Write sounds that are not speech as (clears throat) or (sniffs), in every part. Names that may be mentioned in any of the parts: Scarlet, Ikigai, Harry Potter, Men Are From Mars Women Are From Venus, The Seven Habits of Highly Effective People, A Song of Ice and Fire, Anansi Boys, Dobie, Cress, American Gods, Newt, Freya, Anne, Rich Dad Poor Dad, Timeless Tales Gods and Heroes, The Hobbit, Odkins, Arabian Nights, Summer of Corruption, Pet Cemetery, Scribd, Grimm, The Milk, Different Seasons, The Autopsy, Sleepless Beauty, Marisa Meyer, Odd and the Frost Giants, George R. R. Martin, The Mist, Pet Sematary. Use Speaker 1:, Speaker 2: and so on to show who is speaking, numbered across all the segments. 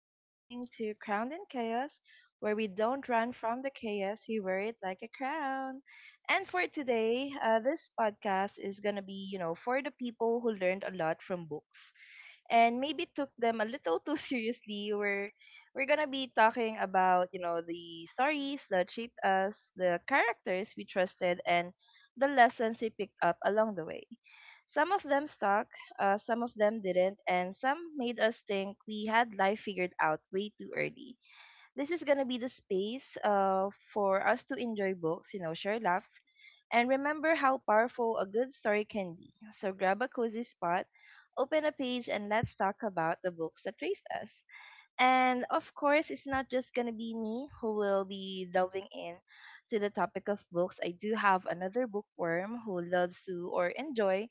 Speaker 1: You're listening to Crowned in Chaos, where we don't run from the chaos, we wear it like a crown. And for today, this podcast is gonna be, you know, for the people who learned a lot from books and maybe took them a little too (laughs) seriously. We're gonna be talking about you know the stories that shaped us, the characters we trusted, and the lessons we picked up along the way. Some of them stuck, some of them didn't, and some made us think we had life figured out way too early. This is going to be the space for us to enjoy books, you know, share laughs, and remember how powerful a good story can be. So grab a cozy spot, open a page, and let's talk about the books that raised us. And of course, it's not just going to be me who will be delving in to the topic of books. I do have another bookworm who loves to or enjoy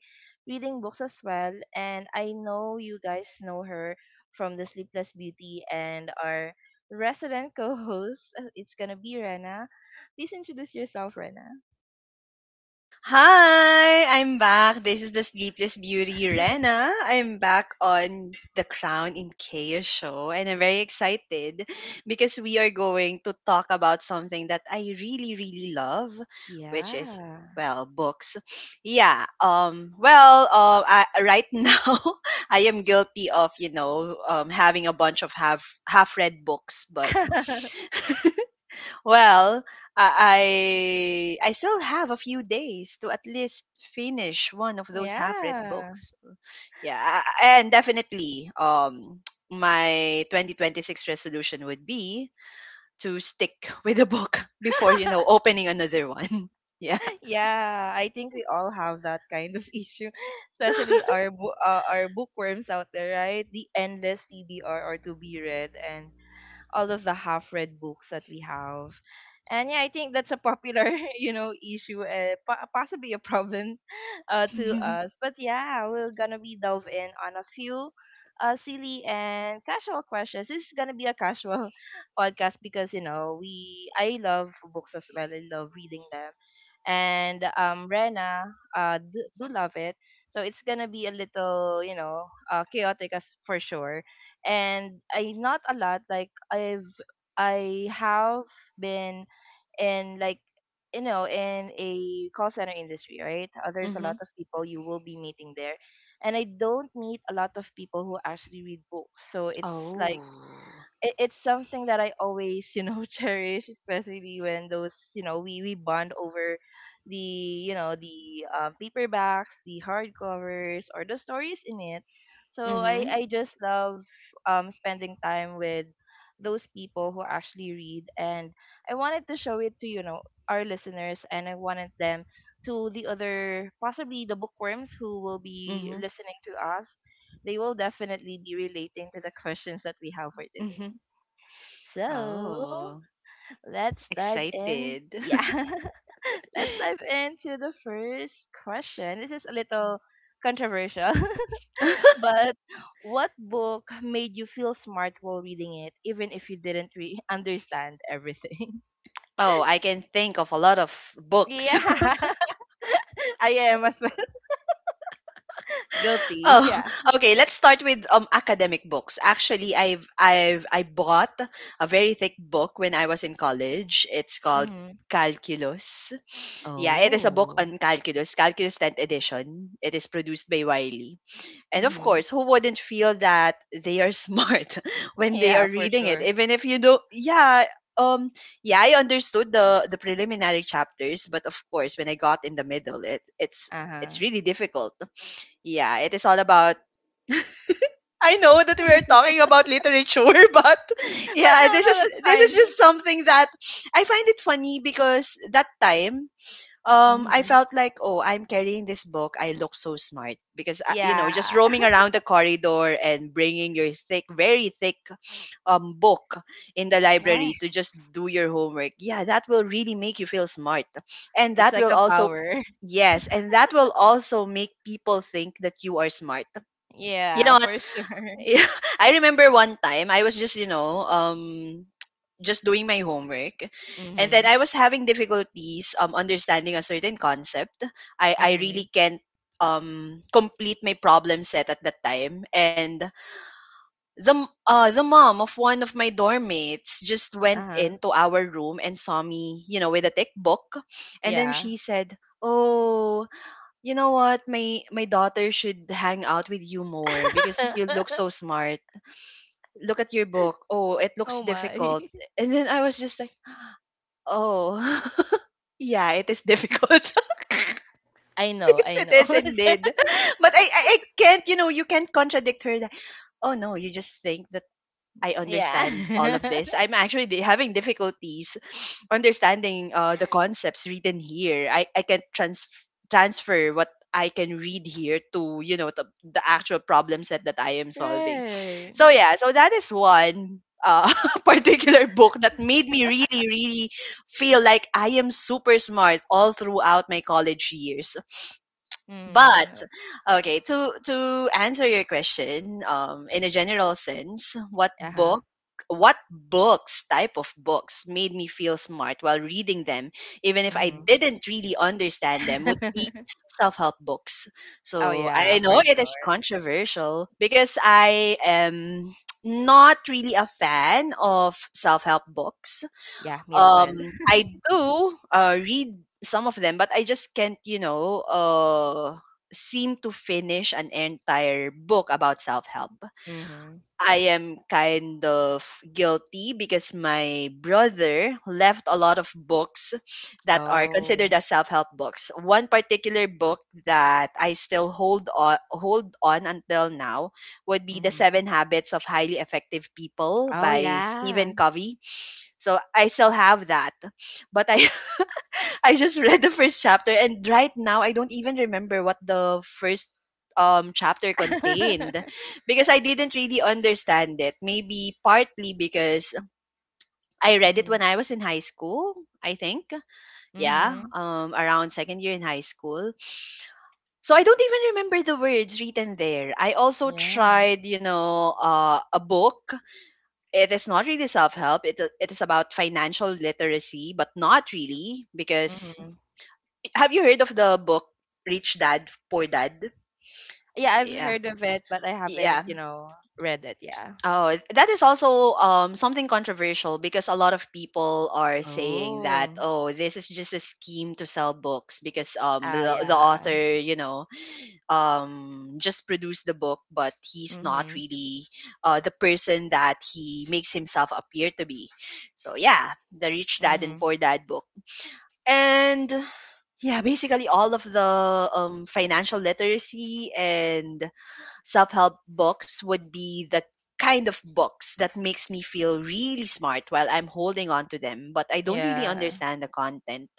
Speaker 1: reading books as well, and I know you guys know her from The Sleepless Beauty and our resident co-host. (laughs) It's going to be Rena. Please introduce yourself, Rena.
Speaker 2: Hi, I'm back. This is the Sleepless Beauty, Rena. I'm back on the Crown in Chaos show, and I'm very excited because we are going to talk about something that I really, really love, which is
Speaker 1: Yeah.
Speaker 2: books. I, right (laughs) now, I am guilty of having a bunch of half read books, but
Speaker 1: (laughs)
Speaker 2: well, I still have a few days to at least finish one of those half-read
Speaker 1: Yeah.
Speaker 2: books. Yeah, and definitely (tsk) my 2026 resolution would be to stick (laughs) with a book (laughs) before,
Speaker 1: (laughs)
Speaker 2: opening another one. (laughs) Yeah.
Speaker 1: Yeah, I think we all have that kind of issue, (laughs) especially
Speaker 2: (laughs)
Speaker 1: our our bookworms out there, right? The endless TBR or to be read, and all of the half read books that we have. And yeah, I think that's a popular, (laughs) you know, issue, possibly a problem (laughs) to us. But yeah, we're gonna be delve in on a few silly and casual questions. This is gonna be a casual (laughs) podcast because you know we I love books as well. I love reading them, and Rena do love it. So it's gonna be a little you know chaotic as for sure and I not a lot like I have been in like you know in a call center industry, right. There's a
Speaker 2: Mm-hmm.
Speaker 1: lot of people you will be meeting there and I don't meet a lot of people who actually read books, so it's
Speaker 2: Oh.
Speaker 1: like it's something that I always, you know, (laughs) cherish, especially when those, you know, we bond over you know, the paperbacks, the hardcovers, or the stories in it. So
Speaker 2: Mm-hmm.
Speaker 1: I just love spending time with those people who actually read. And I wanted to show it to, you know, our listeners and I wanted them to the other, possibly the bookworms who will be
Speaker 2: Mm-hmm.
Speaker 1: listening to us. They will definitely be relating to the questions that we have for today.
Speaker 2: Mm-hmm.
Speaker 1: So
Speaker 2: Oh,
Speaker 1: let's dive in.
Speaker 2: excited.
Speaker 1: Yeah, (laughs) let's dive into the first question. This is a little controversial, (laughs)
Speaker 2: (laughs)
Speaker 1: but what book made you feel smart while reading it, even if you didn't understand everything? (laughs)
Speaker 2: Oh, I can think of a lot of books.
Speaker 1: Yeah, (laughs) I am as well. (laughs) Guilty.
Speaker 2: Oh,
Speaker 1: Yeah.
Speaker 2: (laughs) okay. Let's start with academic books. Actually, I bought a very thick book when I was in college. It's called
Speaker 1: Mm-hmm.
Speaker 2: Calculus. Yeah, it is a book
Speaker 1: Oh.
Speaker 2: on calculus, Calculus 10th edition. It is produced by Wiley. And of
Speaker 1: Mm-hmm.
Speaker 2: course, who wouldn't feel that they are smart (laughs) when they
Speaker 1: Yeah,
Speaker 2: are
Speaker 1: for
Speaker 2: reading it?
Speaker 1: sure.
Speaker 2: Even if you don't, um yeah, I understood the preliminary chapters, but of course, when I got in the middle, it it's
Speaker 1: Uh huh.
Speaker 2: it's really difficult. Yeah, it is all about, I know that we're talking about literature, (laughs) but
Speaker 1: (laughs) But
Speaker 2: yeah,
Speaker 1: no,
Speaker 2: this
Speaker 1: no,
Speaker 2: is
Speaker 1: that's
Speaker 2: this is
Speaker 1: fine.
Speaker 2: just something that I find it funny because that time I
Speaker 1: Mm-hmm.
Speaker 2: felt like, oh, I'm carrying this book. I look so smart because you know, just
Speaker 1: Yeah.
Speaker 2: roaming
Speaker 1: (laughs)
Speaker 2: around the corridor and bringing your thick, very thick book in the library to
Speaker 1: Yes.
Speaker 2: just do your homework. Yeah, that will really make you feel smart. And
Speaker 1: It's
Speaker 2: that
Speaker 1: like
Speaker 2: will
Speaker 1: a
Speaker 2: also,
Speaker 1: power.
Speaker 2: yes, and that will also make people think that you are smart, you
Speaker 1: Yeah,
Speaker 2: know.
Speaker 1: for sure. (laughs)
Speaker 2: Yeah, (laughs) I remember one time I was just, you know, (tsk) just doing my homework, and then
Speaker 1: Mhm.
Speaker 2: I was having difficulties understanding a certain concept. I really
Speaker 1: Mhm.
Speaker 2: can't complete my problem set at that time, and the the mom of one of my dorm mates just went
Speaker 1: Uh-huh.
Speaker 2: into our room and saw me, you know, with a thick book, and then
Speaker 1: Yeah.
Speaker 2: she said, "Oh, you know what? My daughter should hang out with you more because you look so
Speaker 1: (laughs)
Speaker 2: smart. Look at your book. Oh, it looks
Speaker 1: Oh
Speaker 2: difficult."
Speaker 1: my.
Speaker 2: And then I was just like, oh, (laughs) yeah, it is difficult. (laughs)
Speaker 1: I know,
Speaker 2: Because
Speaker 1: I
Speaker 2: it
Speaker 1: know.
Speaker 2: is
Speaker 1: (laughs)
Speaker 2: indeed. (laughs) But I can't, you know, you can't contradict her that, oh no, you just think that I understand all
Speaker 1: Yeah.
Speaker 2: of this.
Speaker 1: (laughs)
Speaker 2: I'm actually having difficulties (sniffs) understanding the concepts written here. I can transfer what I can read here to, you know, the actual problem set that I am solving.
Speaker 1: Right.
Speaker 2: So, yeah, so that is one (laughs) particular book that made me really, really feel like I am super smart all throughout my college years. But
Speaker 1: Mm.
Speaker 2: okay, to answer your question, in a general sense,
Speaker 1: Uh-huh.
Speaker 2: what books, type of books made me feel smart while reading them, even if I
Speaker 1: Mhm.
Speaker 2: didn't really understand them, would be
Speaker 1: (laughs)
Speaker 2: self-help books.
Speaker 1: Oh
Speaker 2: So
Speaker 1: yeah,
Speaker 2: I
Speaker 1: for
Speaker 2: know it
Speaker 1: sure.
Speaker 2: is controversial because I am not really a fan of self-help books.
Speaker 1: Yeah, me as well.
Speaker 2: I do read some of them, but I just can't, you know, seem to finish an entire book about self help.
Speaker 1: Mhm.
Speaker 2: I am kind of guilty because my brother left a lot of books that are considered
Speaker 1: Oh.
Speaker 2: as self-help books. One particular book that I still hold on until now would be The
Speaker 1: Mhm.
Speaker 2: Seven Habits of Highly Effective People
Speaker 1: Oh
Speaker 2: by
Speaker 1: yeah.
Speaker 2: Stephen Covey, so I still have that. But I (laughs) I just read the first chapter, and right now I don't even remember what the first chapter contained
Speaker 1: (laughs)
Speaker 2: because I didn't really understand it. Maybe partly because I read it when
Speaker 1: Mhm.
Speaker 2: I was in high school, I think. Yeah,
Speaker 1: Mhm.
Speaker 2: around second year in high school. So I don't even remember the words written there. I also
Speaker 1: Yeah.
Speaker 2: tried, you know, a book, it is not really self help. It is about financial literacy, but not really because
Speaker 1: Mhm.
Speaker 2: (laughs) have you heard of the book Rich Dad Poor Dad?
Speaker 1: Yeah, I've
Speaker 2: Yeah.
Speaker 1: heard of it, but I haven't,
Speaker 2: Yeah.
Speaker 1: you know, read it. Yeah.
Speaker 2: Oh, that is also something controversial because a lot of people are saying that,
Speaker 1: Oh.
Speaker 2: oh, this is just a scheme to sell books because
Speaker 1: Oh
Speaker 2: the
Speaker 1: yeah.
Speaker 2: author, you know, just produce the book, but he's not
Speaker 1: Mhm.
Speaker 2: really the person that he makes himself appear to be. So yeah, the Rich Dad and
Speaker 1: Mhm.
Speaker 2: Poor Dad book, and yeah, basically all of the financial literacy and self-help books would be the kind of books that makes me feel really smart while I'm holding on to them, but I don't really
Speaker 1: Yeah.
Speaker 2: understand the content.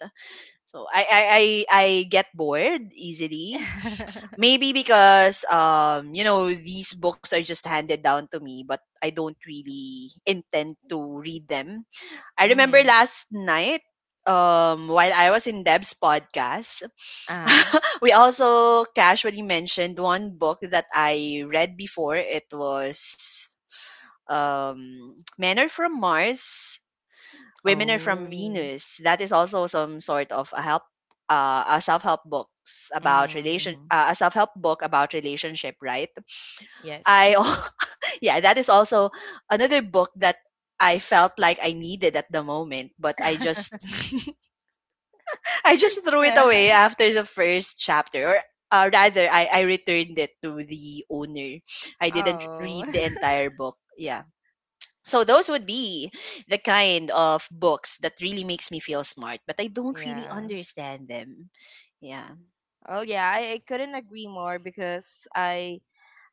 Speaker 2: So I get bored easily.
Speaker 1: (laughs)
Speaker 2: Maybe because you know, these books are just handed down to me, but I don't really intend to read them. I remember
Speaker 1: Mhm.
Speaker 2: last night while I was in Deb's podcast,
Speaker 1: Uh-huh.
Speaker 2: (laughs) we also casually mentioned one book that I read before. It was (tsk) Men Are From Mars, Women Are From
Speaker 1: Oh.
Speaker 2: Venus. That is also some sort of a help,
Speaker 1: Mhm.
Speaker 2: a self help book about relationship, right?
Speaker 1: Yes.
Speaker 2: I, al- (laughs) yeah, that is also another book that I felt like I needed at the moment, but I just,
Speaker 1: (laughs)
Speaker 2: (laughs) I just threw it
Speaker 1: Yeah.
Speaker 2: away after the first chapter, or rather, I returned it to the owner. I didn't
Speaker 1: Oh.
Speaker 2: read
Speaker 1: (laughs)
Speaker 2: the entire book. Yeah, so those would be the kind of books that really makes me feel smart, but I don't really
Speaker 1: Yeah.
Speaker 2: understand them. Yeah.
Speaker 1: Oh yeah, I couldn't agree more because I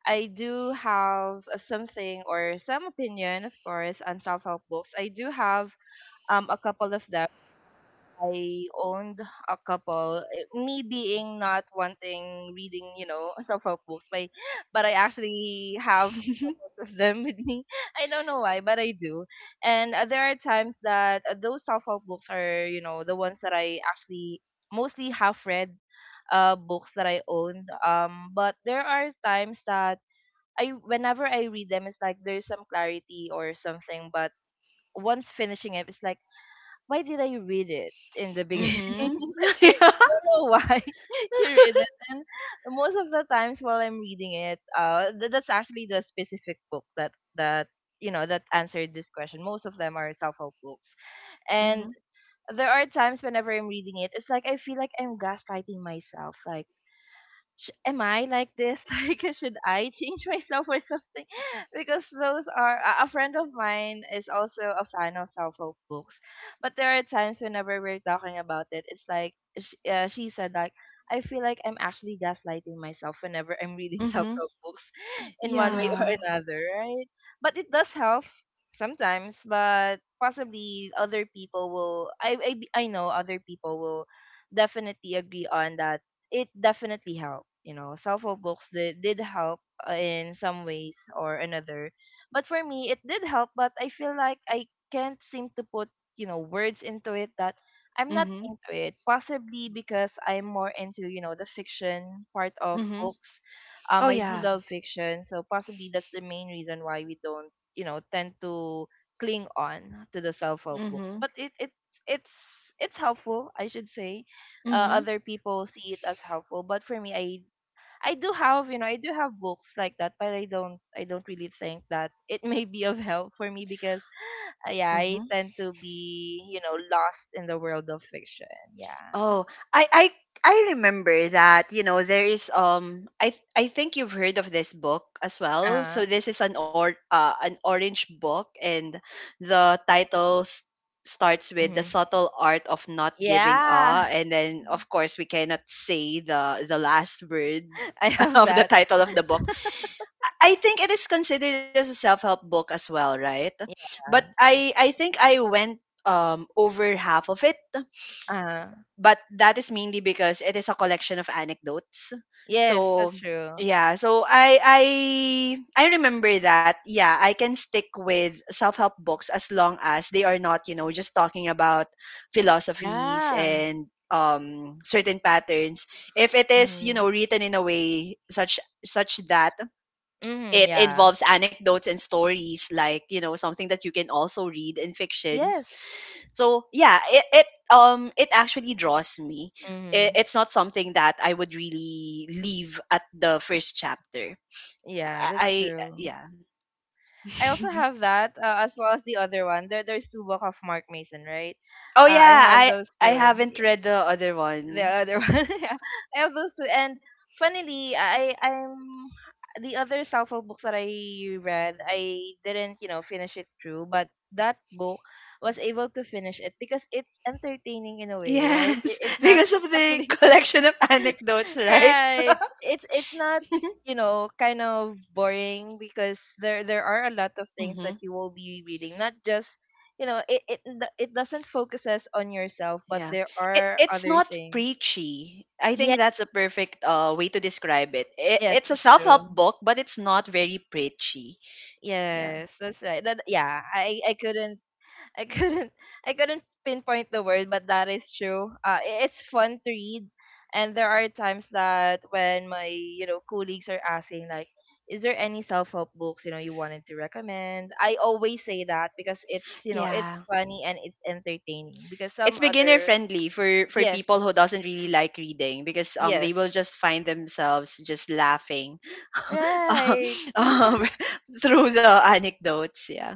Speaker 1: I do have a something or some opinion, of course, on self-help books. I do have a couple of them. I owned a couple. Eh, me being not wanting reading, you know, (laughs) self-help books, but I actually have couples of them with me. (laughs) I don't know why, but I do. And there are times that those self-help books are, you know, the ones that I actually mostly have read books that I owned. But there are times that I whenever I read them, it's like there's some clarity or something, but once finishing it, it's like why did I read it in the beginning? (laughs)
Speaker 2: Mhm.
Speaker 1: Like,
Speaker 2: (laughs) Yeah.
Speaker 1: don't know why (laughs) you read it. And most of the times while I'm reading it, that's actually the specific book that you know that answered this question. Most of them are self-help books, and
Speaker 2: Mhm.
Speaker 1: there are times whenever I'm reading it, it's like I feel like I'm gaslighting myself. Like am I like this? (laughs) Like, should I change myself or something? (laughs) Because those are a friend of mine is also a fan of self-help books, but there are times whenever we're talking about it, it's like sh she said like I feel like I'm actually gaslighting myself whenever I'm reading (laughs)
Speaker 2: Mhm.
Speaker 1: self-help books
Speaker 2: (laughs)
Speaker 1: in one way or
Speaker 2: Yeah.
Speaker 1: another, right? But it does help sometimes, but possibly other people will I know other people will definitely agree on that it definitely helped. You know, self-help books did help in some ways or another. But for me, it did help, but I feel like I can't seem to put, you know, words into it that I'm not
Speaker 2: Mhm.
Speaker 1: into it. Possibly because I'm more into, you know, the fiction part of
Speaker 2: Mhm.
Speaker 1: books.
Speaker 2: Oh
Speaker 1: I do
Speaker 2: yeah.
Speaker 1: love fiction, so possibly that's the main reason why we don't, you know, tend to cling on to the self-help books.
Speaker 2: Mhm.
Speaker 1: But it it's it's helpful, I should say
Speaker 2: Mhm.
Speaker 1: other people see it as helpful, but for me I do have you know I do have books like that, but I don't really think that it (laughs) may be of help for me because yeah, I
Speaker 2: Mhm.
Speaker 1: tend to be you know lost in the world of fiction. Yeah.
Speaker 2: Oh, I I I remember that, you know, there is I think you've heard of this book as well. So
Speaker 1: Uh.
Speaker 2: this is an or an orange book, and the title starts with The
Speaker 1: Hmm.
Speaker 2: Subtle Art of Not Giving
Speaker 1: Yeah. (laughs)
Speaker 2: a, and then of course we cannot say the last word
Speaker 1: I
Speaker 2: (laughs)
Speaker 1: have
Speaker 2: of the
Speaker 1: that.
Speaker 2: title of the book. I think it is considered as a self-help book as well, right? But
Speaker 1: Yeah.
Speaker 2: I think I went over half of it,
Speaker 1: Uh.
Speaker 2: but that is mainly because it is a collection of anecdotes.
Speaker 1: Yes,
Speaker 2: So
Speaker 1: that's true.
Speaker 2: yeah, so I remember that. Yeah, I can stick with self-help books as long as they are not, you know, just talking about philosophies
Speaker 1: Yeah.
Speaker 2: and certain patterns. If it is, you know,
Speaker 1: Mm-hmm.
Speaker 2: written in a way such that
Speaker 1: Mm-hmm.
Speaker 2: it
Speaker 1: Yeah.
Speaker 2: involves anecdotes and stories like, you know, something that you can also read in fiction.
Speaker 1: Yes.
Speaker 2: So yeah, it it actually draws me.
Speaker 1: Mm-hmm.
Speaker 2: It's not something that I would really leave at the first chapter.
Speaker 1: Yeah,
Speaker 2: I
Speaker 1: that's true.
Speaker 2: yeah. (laughs)
Speaker 1: I also have that as well as the other one. There's two book of Mark Mason, right?
Speaker 2: Oh
Speaker 1: I
Speaker 2: yeah,
Speaker 1: have
Speaker 2: i
Speaker 1: those
Speaker 2: i
Speaker 1: two.
Speaker 2: haven't
Speaker 1: Yeah,
Speaker 2: read the other
Speaker 1: the
Speaker 2: one.
Speaker 1: other (laughs) one, yeah, I have those two. And funnily, I I'm the other self-help books that I read, I didn't you know finish it through, but that book was able to finish it because it's entertaining in a way, right?
Speaker 2: Yes,
Speaker 1: It's
Speaker 2: (laughs)
Speaker 1: not
Speaker 2: because of the
Speaker 1: really
Speaker 2: collection of anecdotes, right?
Speaker 1: right. It's not,
Speaker 2: (laughs)
Speaker 1: you know, kind of boring because there are a lot of things
Speaker 2: Hmm.
Speaker 1: that you will be reading. Not just, you know, it it doesn't focuses on yourself, but
Speaker 2: Yeah.
Speaker 1: there are
Speaker 2: It's
Speaker 1: other
Speaker 2: not
Speaker 1: things.
Speaker 2: preachy. I think
Speaker 1: Yes,
Speaker 2: that's a perfect way to describe it.
Speaker 1: yes,
Speaker 2: It's a
Speaker 1: that's
Speaker 2: self
Speaker 1: true.
Speaker 2: help book, but it's not very preachy. Yeah.
Speaker 1: Yes, that's right. That yeah, I couldn't (laughs) I couldn't pinpoint the word, but that is true. It's fun to read, and there are times that when my you know colleagues are asking like, "Is there any self help books you know you wanted to recommend?" I always say that because it's you know it's
Speaker 2: Yeah.
Speaker 1: funny and it's entertaining because
Speaker 2: It's
Speaker 1: some
Speaker 2: beginner
Speaker 1: other
Speaker 2: friendly for
Speaker 1: yes
Speaker 2: people who doesn't really like reading because they
Speaker 1: yes
Speaker 2: will just find themselves just laughing (laughs) uh,
Speaker 1: right
Speaker 2: um, (laughs) through the anecdotes. Yeah.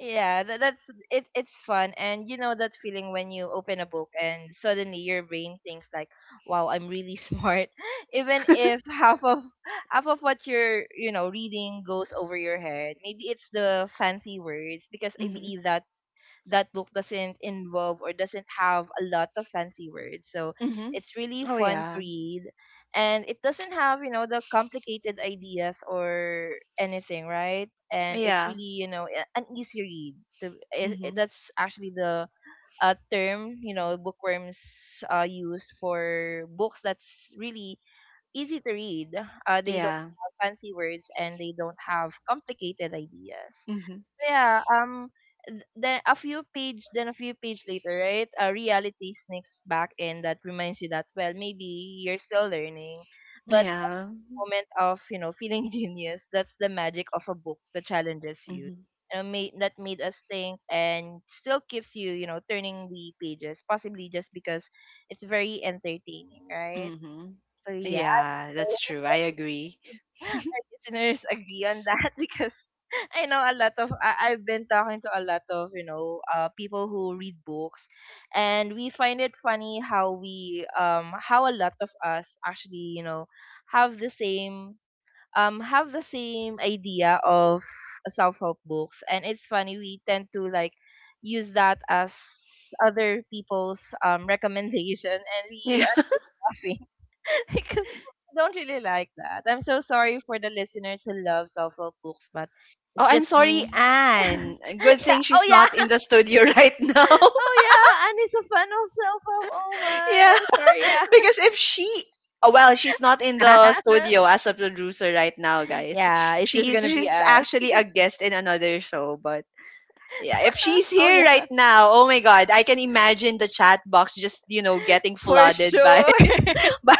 Speaker 1: yeah that's it, it's fun and you know that feeling when you open a book and suddenly your brain thinks like wow I'm really smart (laughs) even if half of what you're you know reading goes over your head. Maybe it's the fancy words because I
Speaker 2: Hmm.
Speaker 1: believe that that book doesn't involve or doesn't have a lot of fancy words. So
Speaker 2: Hmm.
Speaker 1: it's really
Speaker 2: Oh
Speaker 1: fun to
Speaker 2: yeah.
Speaker 1: read. And it doesn't have, you know, the complicated ideas or anything, right? And
Speaker 2: Yeah.
Speaker 1: it's really, you know, an easy read.
Speaker 2: Hmm.
Speaker 1: That's actually the term, you know, bookworms use for books that's really easy to read. They don't
Speaker 2: Yeah.
Speaker 1: have fancy words and they don't have complicated ideas.
Speaker 2: Hmm.
Speaker 1: Yeah, then a few page later, right? Reality sneaks back in that reminds you that well, maybe you're still learning, but the
Speaker 2: Yeah.
Speaker 1: moment of you know feeling (laughs) genius. That's the magic of a book that challenges you.
Speaker 2: Hmm.
Speaker 1: You know, made us think and still keeps you you know turning the pages, possibly just because it's very entertaining, right?
Speaker 2: Hmm.
Speaker 1: So yeah,
Speaker 2: Yeah, that's true, I agree.
Speaker 1: our listeners agree on that (laughs) because I know a lot of I, I've been talking to a lot of you know people who read books, and we find it funny how we how a lot of us actually you know have the same have the same idea of self help books, and it's funny we tend to like use that as other people's (laughs) recommendation, and we
Speaker 2: (laughs) Yeah.
Speaker 1: are laughing (laughs) because I don't really like that. I'm so sorry for the listeners who love self-help books, but
Speaker 2: Oh,
Speaker 1: it's
Speaker 2: I'm
Speaker 1: just
Speaker 2: sorry,
Speaker 1: me. (laughs)
Speaker 2: Anne, good
Speaker 1: Yeah.
Speaker 2: thing
Speaker 1: Oh
Speaker 2: she's not
Speaker 1: yeah.
Speaker 2: in the
Speaker 1: (laughs)
Speaker 2: studio (laughs) right now.
Speaker 1: Oh yeah. And it's a fan of self-help. Oh my.
Speaker 2: Yeah,
Speaker 1: I'm sorry.
Speaker 2: (laughs) because if she, oh, well, she's not in the studio as a producer right now,
Speaker 1: Yeah. (laughs)
Speaker 2: guys.
Speaker 1: yeah. It's just
Speaker 2: She's
Speaker 1: gonna be
Speaker 2: she's
Speaker 1: us.
Speaker 2: actually a guest in another show, but yeah, if she's
Speaker 1: (laughs) oh
Speaker 2: here
Speaker 1: yeah.
Speaker 2: right now, oh my god, I can imagine the chat box just you know getting
Speaker 1: For
Speaker 2: flooded by
Speaker 1: sure.
Speaker 2: (laughs) by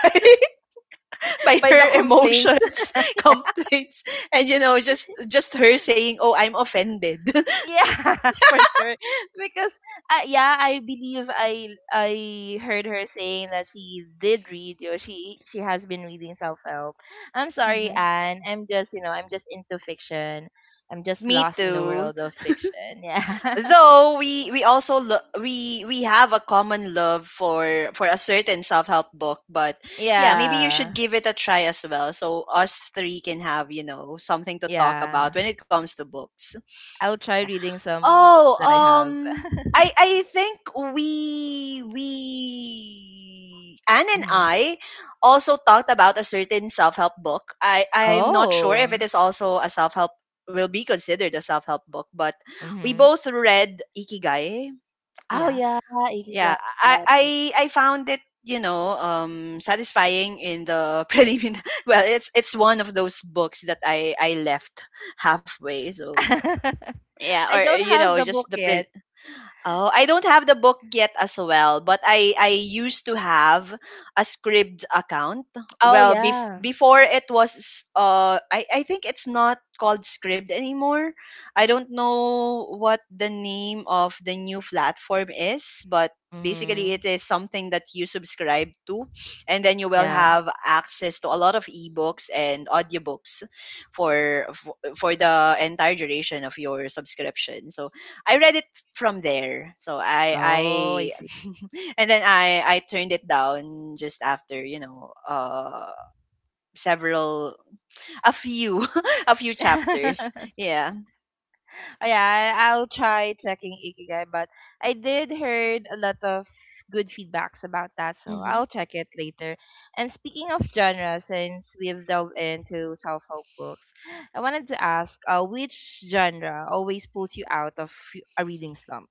Speaker 1: (laughs)
Speaker 2: by
Speaker 1: By the
Speaker 2: her
Speaker 1: complaints.
Speaker 2: emotions, (laughs) complaints, and you know just her saying, "Oh, I'm offended." (laughs)
Speaker 1: Yeah, (laughs) for sure. Because yeah, I believe I heard her saying that she did read she has been reading self help. I'm sorry,
Speaker 2: Mhm.
Speaker 1: Anne. I'm just into fiction. I'm just
Speaker 2: Me
Speaker 1: lost in the
Speaker 2: too.
Speaker 1: world of fiction. Yeah, (laughs)
Speaker 2: Though we also we have a common love for a certain self-help book, but yeah, maybe you
Speaker 1: yeah,
Speaker 2: should give it a try as well, so us three can have you know something to talk
Speaker 1: yeah.
Speaker 2: about when it comes to books.
Speaker 1: I'll try
Speaker 2: Yeah.
Speaker 1: reading some books
Speaker 2: Oh,
Speaker 1: that I have.
Speaker 2: I think we Anne and
Speaker 1: Hmm.
Speaker 2: I also talked about a certain self help book. I I'm not sure if
Speaker 1: Oh.
Speaker 2: it is also a self help will be considered a self help book, but we
Speaker 1: Mm-hmm.
Speaker 2: both read Ikigai.
Speaker 1: Oh
Speaker 2: Yeah,
Speaker 1: yeah,
Speaker 2: yeah.
Speaker 1: Ikigai.
Speaker 2: I found it, you know, satisfying in the (laughs) preliminary, well, it's one of those books that I left halfway. So
Speaker 1: (laughs)
Speaker 2: yeah, or
Speaker 1: I don't
Speaker 2: you
Speaker 1: have
Speaker 2: know
Speaker 1: the book
Speaker 2: just the
Speaker 1: yet.
Speaker 2: Oh, I don't have the book yet as well, but I used to have a Scribd account.
Speaker 1: Oh
Speaker 2: Well,
Speaker 1: yeah.
Speaker 2: before it was I think it's not called Scribd anymore. I don't know what the name of the new platform is, but basically
Speaker 1: Mhm.
Speaker 2: it is something that you subscribe to and then you will
Speaker 1: Yeah.
Speaker 2: have access to a lot of ebooks and audiobooks for the entire duration of your subscription. So I read it from there. So I
Speaker 1: Oh, I see.
Speaker 2: (laughs) and then I turned it down just after, several a few (laughs) a few chapters.
Speaker 1: (laughs)
Speaker 2: Yeah.
Speaker 1: Oh yeah, I'll try checking Ikigai, but I did heard a lot of good feedbacks about that, so
Speaker 2: Hmm.
Speaker 1: I'll check it later. And speaking of genre, since we've delved into self-help books, I wanted to ask, which genre always pulls you out of a reading slump?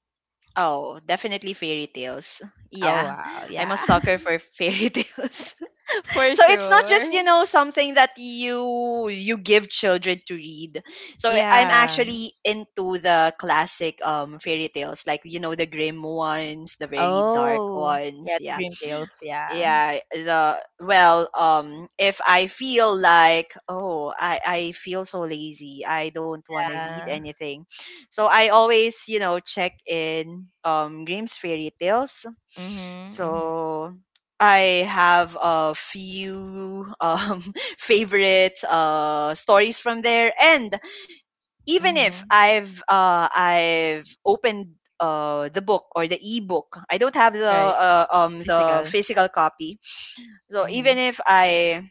Speaker 2: Oh, definitely fairy tales.
Speaker 1: Oh
Speaker 2: Yeah.
Speaker 1: wow,
Speaker 2: I'm a
Speaker 1: yeah,
Speaker 2: sucker for fairy (laughs) tales.
Speaker 1: (laughs) for
Speaker 2: So it's not
Speaker 1: sure.
Speaker 2: just, you know, something that you give children to read. So I'm
Speaker 1: Yeah.
Speaker 2: actually into the classic fairy tales like, you know, the grim ones, the very dark
Speaker 1: Oh,
Speaker 2: ones.
Speaker 1: yeah, the
Speaker 2: Yeah.
Speaker 1: Dream Tales. Yeah.
Speaker 2: Yeah, the well, if I feel like, oh, I feel so lazy, I don't want to read
Speaker 1: Yeah.
Speaker 2: anything. So I always, you know, check in Grimm's fairy tales.
Speaker 1: Mhm. Mhm.
Speaker 2: So I have a few (laughs) favorite stories from there, and even if
Speaker 1: Mhm.
Speaker 2: I've opened the book or the ebook. I don't have
Speaker 1: Right.
Speaker 2: the
Speaker 1: Physical.
Speaker 2: physical copy, so even
Speaker 1: Mhm.
Speaker 2: if I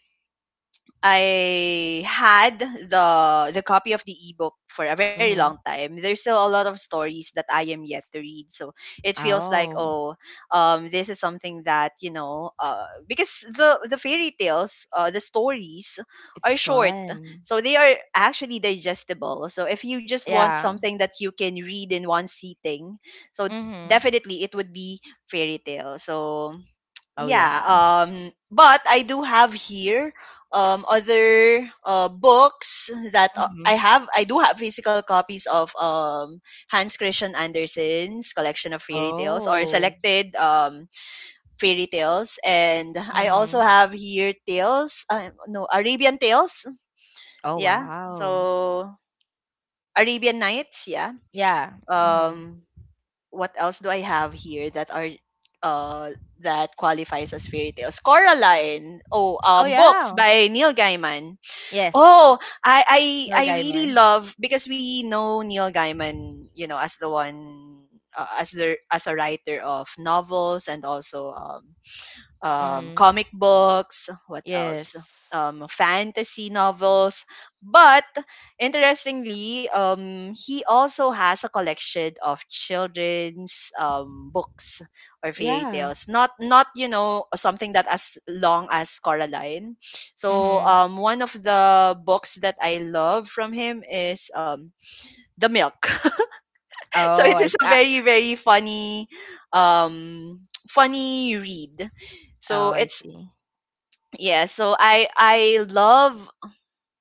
Speaker 2: I had the copy of the ebook for a very long
Speaker 1: Mhm.
Speaker 2: time, there's still a lot of stories that I am yet to read. So it feels like,
Speaker 1: Oh,
Speaker 2: oh, this is something that, you know, because the fairy tales, the stories
Speaker 1: it's
Speaker 2: are short,
Speaker 1: fun.
Speaker 2: so they are actually digestible. So if you just want
Speaker 1: Yeah.
Speaker 2: something that you can read in one sitting, so
Speaker 1: Mhm.
Speaker 2: definitely it would be fairy tale. So
Speaker 1: Oh
Speaker 2: yeah.
Speaker 1: yeah.
Speaker 2: But I do have here other books that
Speaker 1: Mhm.
Speaker 2: I do have physical copies of. Hans Christian Andersen's collection of fairy tales, or
Speaker 1: Oh.
Speaker 2: selected fairy tales. And I also
Speaker 1: Mhm.
Speaker 2: have here tales, no, Arabian tales.
Speaker 1: Oh
Speaker 2: Yeah.
Speaker 1: wow.
Speaker 2: So Arabian Nights. Yeah.
Speaker 1: Yeah. Mhm.
Speaker 2: um what else do I have here that are uh that qualifies as fairy tales? Coraline. Oh,
Speaker 1: Oh
Speaker 2: books
Speaker 1: yeah.
Speaker 2: by Neil Gaiman.
Speaker 1: Yes.
Speaker 2: Oh, I I
Speaker 1: No
Speaker 2: I really
Speaker 1: Gaiman.
Speaker 2: love, because we know Neil Gaiman, you know, as the one, as the, as a writer of novels and also
Speaker 1: Mhm.
Speaker 2: comic books, what
Speaker 1: Yes.
Speaker 2: else? Fantasy novels. But interestingly, he also has a collection of children's, books or fairy
Speaker 1: Yeah.
Speaker 2: tales. Not, you know, something that as long as Coraline. So
Speaker 1: Mhm.
Speaker 2: one of the books that I love from him is, The Milk. (laughs) So
Speaker 1: Oh,
Speaker 2: it
Speaker 1: I see.
Speaker 2: is a
Speaker 1: Ah,
Speaker 2: very, very funny, um, (tsk) funny read.
Speaker 1: oh,
Speaker 2: So
Speaker 1: I
Speaker 2: it's,
Speaker 1: see.
Speaker 2: yeah, so I love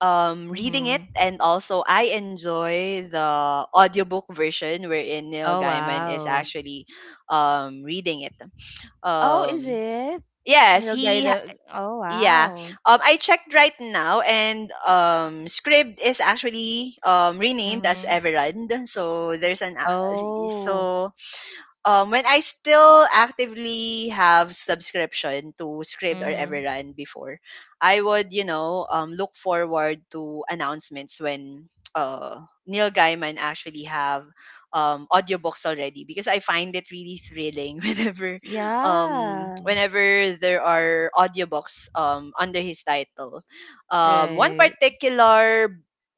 Speaker 2: reading it,
Speaker 1: Mhm.
Speaker 2: and also I enjoy the audiobook version, wherein Neil
Speaker 1: Oh
Speaker 2: Gaiman is
Speaker 1: wow.
Speaker 2: actually reading it.
Speaker 1: Oh, is
Speaker 2: um
Speaker 1: it?
Speaker 2: yes,
Speaker 1: No Gaiman. Oh
Speaker 2: yeah.
Speaker 1: wow.
Speaker 2: I checked right now and Scrib is actually renamed as
Speaker 1: Mhm.
Speaker 2: Everand, so there's an a-.
Speaker 1: Oh.
Speaker 2: So when I still actively have subscription to Scribd or
Speaker 1: Mhm.
Speaker 2: Everrun before, I would, you know, look forward to announcements when Neil Gaiman actually have audiobooks already, because I find it really thrilling (laughs) whenever
Speaker 1: Yeah.
Speaker 2: whenever there are audiobooks under his title. One
Speaker 1: Right.
Speaker 2: particular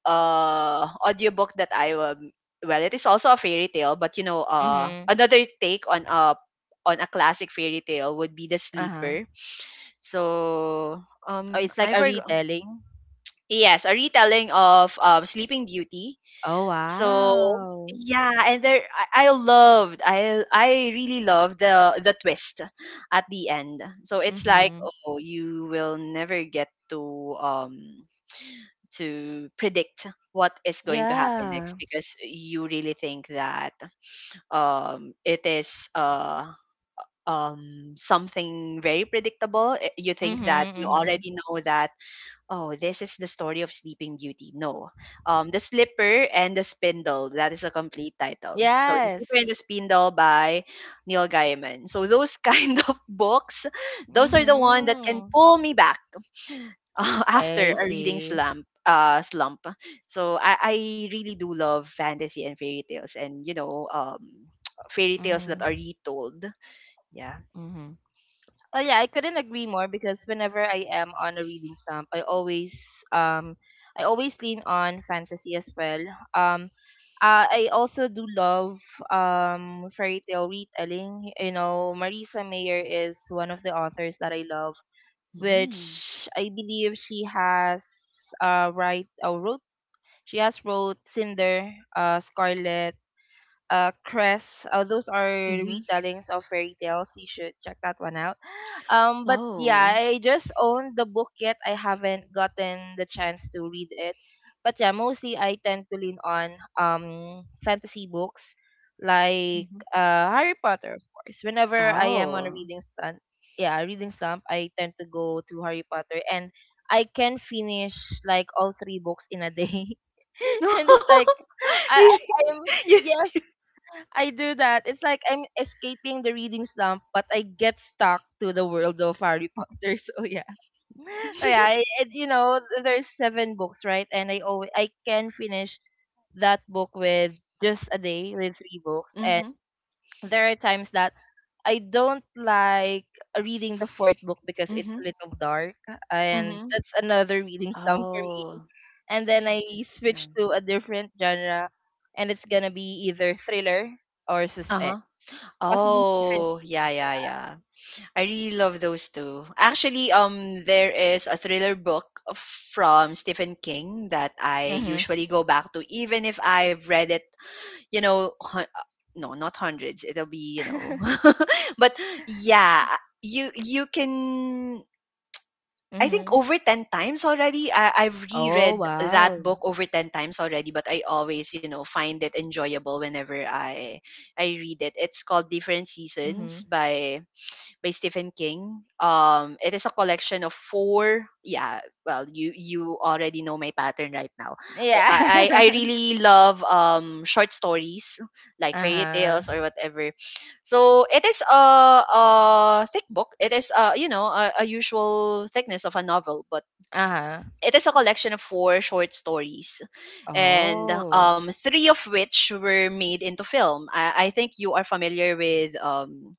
Speaker 2: audiobook that I, well, it is also a fairy tale, but, you know,
Speaker 1: Mm-hmm.
Speaker 2: another take on a, on a classic fairy tale, would be The
Speaker 1: Uh-huh.
Speaker 2: Sleeper. So,
Speaker 1: Oh, it's like
Speaker 2: I
Speaker 1: a
Speaker 2: forgot.
Speaker 1: retelling.
Speaker 2: Yes, a retelling of Sleeping Beauty.
Speaker 1: Oh,
Speaker 2: So,
Speaker 1: wow.
Speaker 2: yeah, and there, I really loved the twist at the end. So it's like,
Speaker 1: Mm-hmm.
Speaker 2: oh, you will never get to predict what is going to happen next,
Speaker 1: Yeah.
Speaker 2: because you really think that, it is, something very predictable. You
Speaker 1: Mm-hmm.
Speaker 2: think that you
Speaker 1: Mm-hmm.
Speaker 2: already know that, oh, this is the story of Sleeping Beauty. No. The Slipper and the Spindle. That is a complete title. So, The
Speaker 1: Yes.
Speaker 2: Slipper and the Spindle by Neil Gaiman. So, those (laughs) kind of books, those are the one that can
Speaker 1: Mm-hmm.
Speaker 2: pull me back (laughs) after
Speaker 1: I
Speaker 2: a reading
Speaker 1: see.
Speaker 2: slump. So I really do love fantasy and fairy tales and, you know, (tsk) fairy tales
Speaker 1: Mm-hmm.
Speaker 2: that are retold. Yeah.
Speaker 1: Mm-hmm. Oh yeah, I couldn't agree more because whenever I am on a reading slump, um I always lean on fantasy as well. Um I also do love fairy tale retelling. You know, Marisa Mayer is one of the authors that I love,
Speaker 2: Mm.
Speaker 1: which I believe she has write or wrote she has wrote Cinder, Scarlet, Cress. Those are
Speaker 2: Mm-hmm.
Speaker 1: retellings of fairy tales. You should check that one out. But yeah,
Speaker 2: Oh.
Speaker 1: I just own the book yet. I haven't gotten the chance to read it. But yeah, mostly I tend to lean on fantasy books like
Speaker 2: Mm-hmm.
Speaker 1: Harry Potter, of course. Whenever I am on a
Speaker 2: Oh.
Speaker 1: reading stunt, yeah, reading slump, I tend to go to Harry Potter and I can finish like all three books in a day. (laughs) And it's like
Speaker 2: (laughs) Really.
Speaker 1: I I'm
Speaker 2: (laughs) Yeah.
Speaker 1: yes, I do that. It's like I'm escaping the reading slump, but I get stuck to the world of Harry Potter. (laughs) So yeah, so yeah. I,
Speaker 2: (laughs)
Speaker 1: it, you know, There's seven books, right? And I can finish that book with just a day with three books. And
Speaker 2: Mm-hmm.
Speaker 1: there are times that I don't like reading the fourth book because it's a
Speaker 2: Mm-hmm.
Speaker 1: little dark, and
Speaker 2: Mm-hmm.
Speaker 1: that's another reading slump for me.
Speaker 2: Oh
Speaker 1: And then I
Speaker 2: yeah.
Speaker 1: switch to a different genre, and it's gonna be either thriller or
Speaker 2: Uh-huh.
Speaker 1: suspense. Possibly Stephen
Speaker 2: Oh
Speaker 1: King.
Speaker 2: yeah, yeah, yeah. I really love those two. Actually, there is a thriller book from Stephen King that I
Speaker 1: Mhm.
Speaker 2: usually go back to, even if I've read it, you know, no, not hundreds. It'll be, you know, (laughs) but yeah, you can. I think
Speaker 1: Mhm.
Speaker 2: over
Speaker 1: (laughs)
Speaker 2: 10 times already. I've
Speaker 1: Oh,
Speaker 2: reread that
Speaker 1: wow.
Speaker 2: book over 10 times already, but I always, you know, find it enjoyable whenever I read it. It's called Different Seasons
Speaker 1: Mhm.
Speaker 2: by Stephen King. It is a collection of four. Yeah, well, you already know my pattern right now.
Speaker 1: Yeah.
Speaker 2: I
Speaker 1: (laughs)
Speaker 2: really love short stories like fairy
Speaker 1: Uh-huh.
Speaker 2: tales or whatever. So it is a, thick book. It is a, you know, a usual thickness of a novel, but
Speaker 1: Uh-huh.
Speaker 2: it is a collection of four short stories, and,
Speaker 1: Oh.
Speaker 2: three of which were made into film. I think you are familiar with,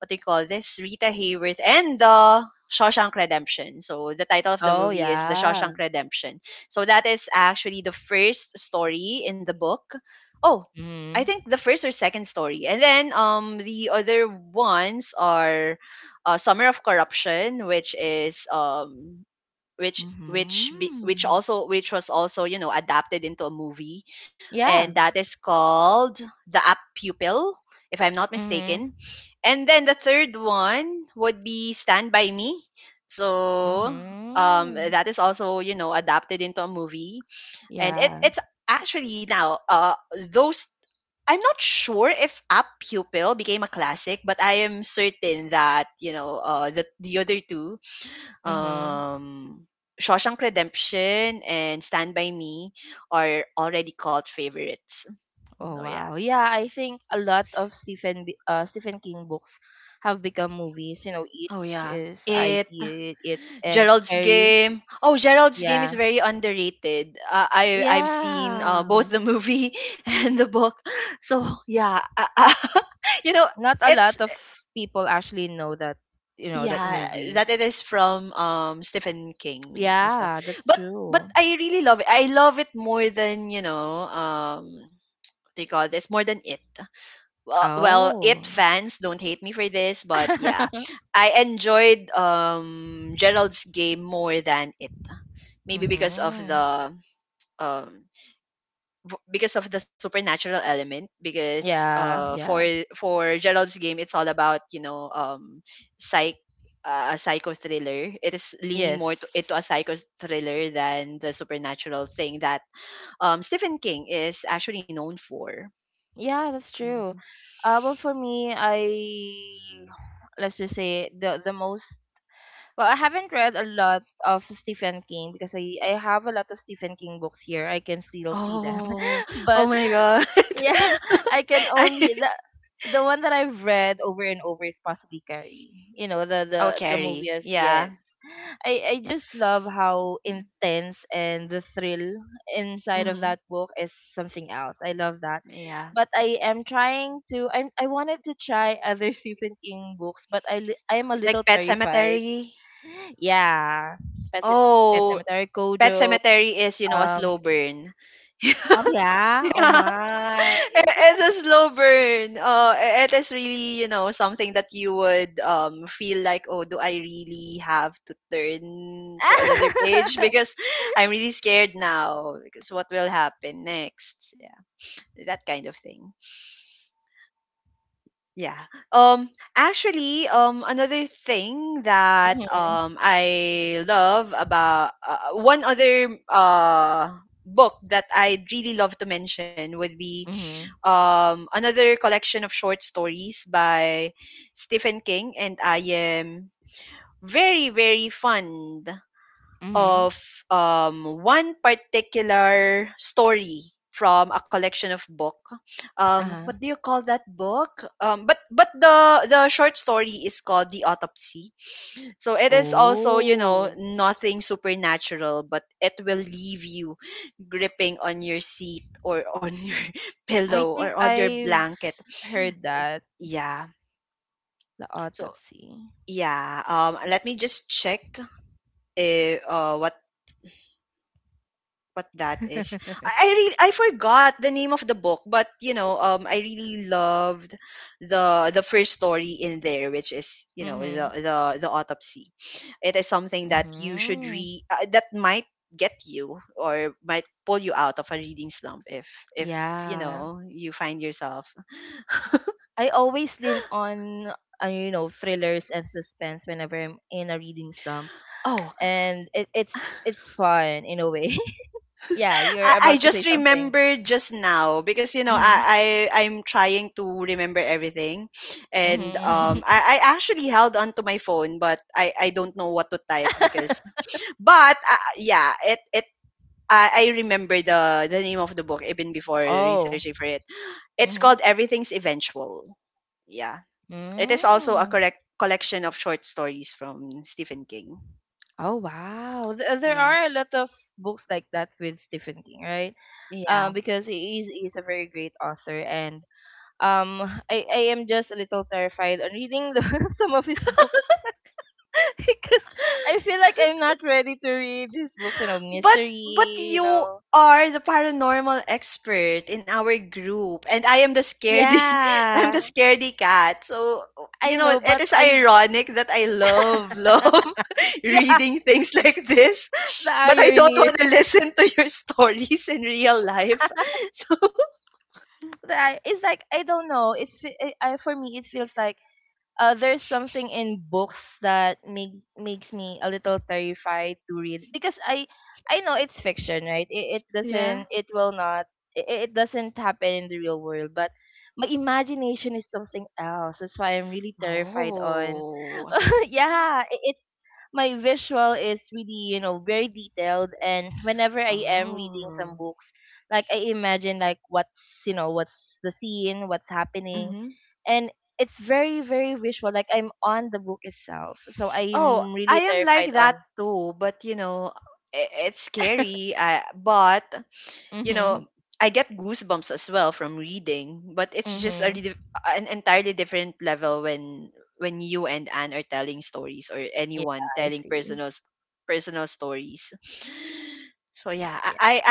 Speaker 2: what they call this? Rita Hayworth and the Shawshank Redemption. So the title of the
Speaker 1: Oh,
Speaker 2: movie is The
Speaker 1: yeah.
Speaker 2: Shawshank Redemption. So that is actually the first story in the book. Oh, I
Speaker 1: Mhm.
Speaker 2: think the first or second story. And then the other ones are, Summer of Corruption, which which be, which
Speaker 1: Mhm.
Speaker 2: also which was also, you know, adapted into a movie, and
Speaker 1: Yeah.
Speaker 2: that is called The App Pupil, if I'm not
Speaker 1: Mhm.
Speaker 2: mistaken. And then the third one would be Stand By Me. So
Speaker 1: Mhm.
Speaker 2: that is also, you know, adapted into a movie. And it
Speaker 1: Yeah.
Speaker 2: it's actually now, those, I'm not sure if Up Pupil became a classic, but I am certain that, you know, the other two,
Speaker 1: Mhm.
Speaker 2: um, Shawshank Redemption and Stand By Me, are already called favorites.
Speaker 1: Oh,
Speaker 2: So yeah.
Speaker 1: wow. Yeah, I think a lot of Stephen King books have become movies. You know, it
Speaker 2: Oh yeah.
Speaker 1: is I
Speaker 2: It.
Speaker 1: T, It and
Speaker 2: Gerald's
Speaker 1: Carrie.
Speaker 2: Game. Oh, Gerald's Game is
Speaker 1: Yeah.
Speaker 2: very underrated. I've seen,
Speaker 1: Yeah.
Speaker 2: both the movie (laughs) and the book. So yeah, (laughs) you know
Speaker 1: Not a
Speaker 2: it's
Speaker 1: lot of people actually know that, that
Speaker 2: yeah
Speaker 1: movie.
Speaker 2: that it is from Stephen King as well.
Speaker 1: Yeah, that's
Speaker 2: But but
Speaker 1: true.
Speaker 2: I really love it. I love it more than, you know, what do you call this, more than It. Well, It
Speaker 1: Oh.
Speaker 2: fans, don't hate me for this, but yeah,
Speaker 1: (laughs)
Speaker 2: I enjoyed Gerald's Game more than It. Maybe because of
Speaker 1: mhm.
Speaker 2: the, um supernatural element, because
Speaker 1: Yeah,
Speaker 2: for
Speaker 1: yeah.
Speaker 2: Gerald's Game, it's all about, you know, psych a psycho thriller. It is leaning more to,
Speaker 1: Yes.
Speaker 2: into a psycho thriller than the supernatural thing that Stephen King is actually known for.
Speaker 1: Yeah, that's
Speaker 2: Mm-hmm.
Speaker 1: true. For me, I let's just say the most. Well, I haven't read a lot of Stephen King because I have a lot of Stephen King books here. I can still see them,
Speaker 2: Oh,
Speaker 1: (laughs)
Speaker 2: oh
Speaker 1: but
Speaker 2: my God. (laughs)
Speaker 1: yeah, I can
Speaker 2: I
Speaker 1: only the one that I've read over and over is possibly Carrie. You know, the
Speaker 2: oh,
Speaker 1: the the movie
Speaker 2: Carrie.
Speaker 1: is
Speaker 2: Yeah.
Speaker 1: yes. I just love how intense and the thrill inside of
Speaker 2: Mm-hmm.
Speaker 1: that book is something else. I love that.
Speaker 2: Yeah.
Speaker 1: But I am trying to I wanted to try other (laughs) Stephen King books, but I am a
Speaker 2: Like
Speaker 1: little
Speaker 2: Pet
Speaker 1: terrified.
Speaker 2: Cemetery.
Speaker 1: Yeah. Pet Cem- Pet
Speaker 2: Oh,
Speaker 1: Cemetery
Speaker 2: Pet
Speaker 1: Kojo.
Speaker 2: Cemetery is, you know, a slow
Speaker 1: Um
Speaker 2: burn.
Speaker 1: oh
Speaker 2: (laughs)
Speaker 1: yeah. Oh
Speaker 2: Yeah.
Speaker 1: my.
Speaker 2: It's a slow burn. It is really, you know, something that you would feel like, oh, do I really have to turn to another page?
Speaker 1: (laughs)
Speaker 2: Because I'm really scared now. Because what will happen next? Yeah, that kind of thing. Yeah. Um actually, another thing that,
Speaker 1: mhm.
Speaker 2: I love about, one other book that I'd really love to mention, would be
Speaker 1: Mhm.
Speaker 2: another collection of short stories by Stephen King, and I am very, very fond
Speaker 1: Mhm.
Speaker 2: of, one particular story from a collection of book. What
Speaker 1: Uh-huh.
Speaker 2: do you call that book? But the short story is called The Autopsy. So it is also, you know,
Speaker 1: Oh,
Speaker 2: nothing supernatural, but it will leave you gripping on your seat, or on (laughs) your
Speaker 1: I
Speaker 2: pillow, or
Speaker 1: think
Speaker 2: on your
Speaker 1: I've
Speaker 2: blanket.
Speaker 1: heard that,
Speaker 2: Yeah.
Speaker 1: the
Speaker 2: So
Speaker 1: autopsy.
Speaker 2: yeah. Let me just check, eh, uh, what what that is.
Speaker 1: (laughs)
Speaker 2: I forgot the name of the book, but, you know, I really loved the first story in there, which is, you know,
Speaker 1: Mm-hmm.
Speaker 2: the autopsy. It is something that you should
Speaker 1: Mm-hmm.
Speaker 2: read, that might get you or might pull you out of a reading slump if, if you
Speaker 1: Yeah.
Speaker 2: know, you find yourself.
Speaker 1: I always lean on, thrillers and suspense whenever I'm in a reading slump,
Speaker 2: Oh,
Speaker 1: and it's fun in a way. (laughs) yeah, you're
Speaker 2: I
Speaker 1: about to
Speaker 2: just
Speaker 1: say something.
Speaker 2: remembered just now, because, you know,
Speaker 1: Mm-hmm.
Speaker 2: I'm trying to remember everything, and
Speaker 1: Mm-hmm.
Speaker 2: I actually held on to my phone, but I don't know what to type,
Speaker 1: mm-hmm.
Speaker 2: because, but yeah it I remember the name of the book even before
Speaker 1: (laughs) oh.
Speaker 2: researching for it. It's
Speaker 1: Mm-hmm.
Speaker 2: called Everything's Eventual. Yeah, it is also a
Speaker 1: Mm.
Speaker 2: correct collection of short stories from Stephen King.
Speaker 1: Oh wow. Th- there
Speaker 2: Yeah,
Speaker 1: are a lot of books like that with Stephen King, right?
Speaker 2: yeah.
Speaker 1: Because he is a very great author and um, I am just a little terrified on reading the, (laughs) some of his books (laughs) because I feel like I'm not ready to read his books,
Speaker 2: But
Speaker 1: mystery,
Speaker 2: but
Speaker 1: you
Speaker 2: you
Speaker 1: know.
Speaker 2: are the paranormal expert in our group, and I am the scaredy (laughs) I'm
Speaker 1: Yeah,
Speaker 2: the scaredy cat. So, you
Speaker 1: I
Speaker 2: know,
Speaker 1: know,
Speaker 2: it
Speaker 1: but
Speaker 2: is
Speaker 1: I,
Speaker 2: ironic that I love (laughs)
Speaker 1: (laughs) yeah,
Speaker 2: reading things like this,
Speaker 1: the
Speaker 2: but I don't
Speaker 1: irony.
Speaker 2: want to
Speaker 1: (laughs)
Speaker 2: listen to your (laughs) stories in real life. (laughs) So.
Speaker 1: It's like, I don't know. For me, it feels like there's something in books that makes me a little terrified to read because I know it's fiction, right? It
Speaker 2: Yeah.
Speaker 1: doesn't it will not it, it doesn't happen in the real world, but my imagination is something else. That's why I'm really terrified on.
Speaker 2: Oh.
Speaker 1: (laughs) yeah, it's my visual is really, you know, very detailed and whenever I am reading some
Speaker 2: Oh.
Speaker 1: books, like I imagine like what's, you know, what's the scene, what's happening
Speaker 2: hmm
Speaker 1: and it's very very visual like I'm on the book itself so I
Speaker 2: Oh,
Speaker 1: am really
Speaker 2: I am like
Speaker 1: terrified
Speaker 2: that
Speaker 1: on.
Speaker 2: too, but it's scary. But you
Speaker 1: Mhm.
Speaker 2: know, I get goosebumps as well from reading, but it's just a,
Speaker 1: Mhm.
Speaker 2: an entirely different level when you and Anne are telling stories or
Speaker 1: Yeah.
Speaker 2: anyone
Speaker 1: I
Speaker 2: telling
Speaker 1: see.
Speaker 2: personal personal stories. So yeah, I I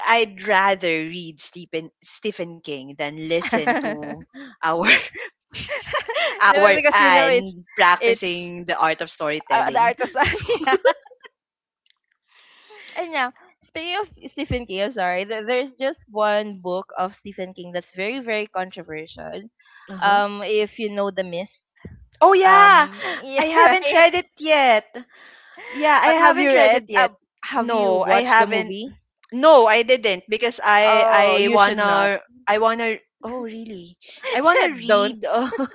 Speaker 2: I- I'd rather read Stephen King than listen
Speaker 1: Yeah.
Speaker 2: to our (laughs)
Speaker 1: (laughs) No,
Speaker 2: our
Speaker 1: because you know it's
Speaker 2: Anne
Speaker 1: it's
Speaker 2: practicing the art of
Speaker 1: the
Speaker 2: storytelling.
Speaker 1: art of (laughs) yeah
Speaker 2: (laughs)
Speaker 1: and yeah speaking of Stephen King, I'm sorry, there's just one book of Stephen King that's very very controversial.
Speaker 2: Uh-huh.
Speaker 1: If you know The Mist.
Speaker 2: Oh yeah,
Speaker 1: (laughs) Yeah,
Speaker 2: I haven't
Speaker 1: right.
Speaker 2: read it yet. Yeah, I
Speaker 1: But
Speaker 2: haven't read it yet.
Speaker 1: have you
Speaker 2: No, I
Speaker 1: watched the
Speaker 2: haven't.
Speaker 1: movie?
Speaker 2: No, I didn't because I
Speaker 1: Oh,
Speaker 2: I
Speaker 1: you should not.
Speaker 2: wanna I wanna oh really? I
Speaker 1: (laughs)
Speaker 2: wanna
Speaker 1: yeah, don't.
Speaker 2: read (laughs)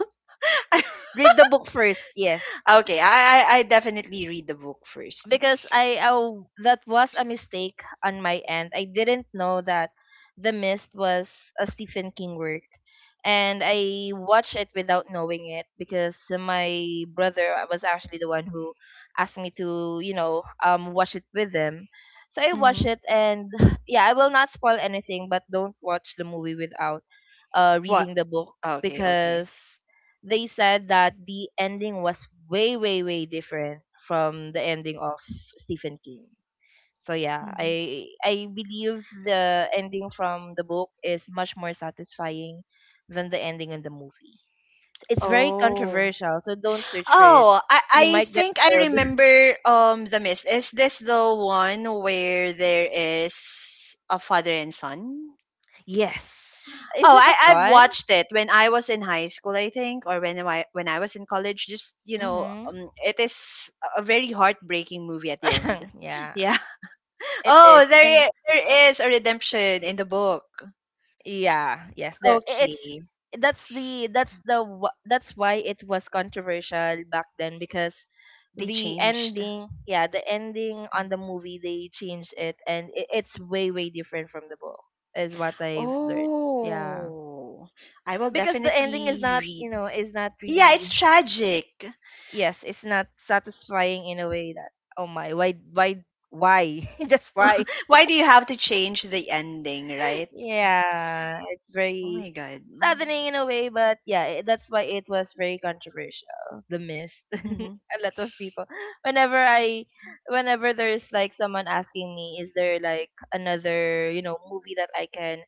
Speaker 2: I-
Speaker 1: Read the book first. Yes.
Speaker 2: Okay, I definitely read the book 1st.
Speaker 1: Because I oh, that was a mistake on my end. I didn't know that The Mist was a Stephen King work, and I watched it without knowing it because my brother was actually the one who asked me to watch it with him. So I watched
Speaker 2: Mm-hmm.
Speaker 1: it, and (sighs) yeah, I will not spoil anything, but don't watch the movie without
Speaker 2: What?
Speaker 1: reading the book
Speaker 2: Okay, okay.
Speaker 1: because they said that the ending was way way way different from the ending of Stephen King. So yeah,
Speaker 2: hmm
Speaker 1: I believe the ending from the book is much more satisfying than the ending in the movie. It's very
Speaker 2: Oh.
Speaker 1: controversial, so don't search for it.
Speaker 2: Oh, I
Speaker 1: You
Speaker 2: I
Speaker 1: might get
Speaker 2: think I
Speaker 1: spoiled. (laughs)
Speaker 2: remember The Mist. Is this the one where there is a father and son?
Speaker 1: yes. Is
Speaker 2: Oh,
Speaker 1: it a
Speaker 2: I've
Speaker 1: son?
Speaker 2: watched it when I was in high school, I think, or when I was in college. Just
Speaker 1: Mm-hmm.
Speaker 2: it is a very heartbreaking movie at the end. (laughs)
Speaker 1: (laughs) (clears throat) yeah,
Speaker 2: Yeah.
Speaker 1: it
Speaker 2: Oh,
Speaker 1: is. And
Speaker 2: there is a redemption in the book.
Speaker 1: yeah, yes, there I- it's
Speaker 2: Okay,
Speaker 1: that's why it was controversial back then because
Speaker 2: they
Speaker 1: the
Speaker 2: changed.
Speaker 1: ending, yeah, the ending on the movie they changed it and I it's way way different from the book is what I've learned. Yeah.
Speaker 2: Oh, I will
Speaker 1: Because the ending is
Speaker 2: definitely
Speaker 1: not,
Speaker 2: read.
Speaker 1: you know, is not
Speaker 2: Yeah, it's
Speaker 1: really
Speaker 2: tragic. (laughs)
Speaker 1: yes, it's not satisfying in a way that oh my, why why? (laughs) Just why?
Speaker 2: Why do you have to change the ending,
Speaker 1: (laughs)
Speaker 2: right?
Speaker 1: Yeah, it's
Speaker 2: Oh
Speaker 1: very
Speaker 2: my god.
Speaker 1: saddening in a way, but yeah, that's why it was very controversial. The Mist. (laughs)
Speaker 2: Mm-hmm.
Speaker 1: A lot of people. Whenever I, whenever there's like someone asking me, is there like another movie that I can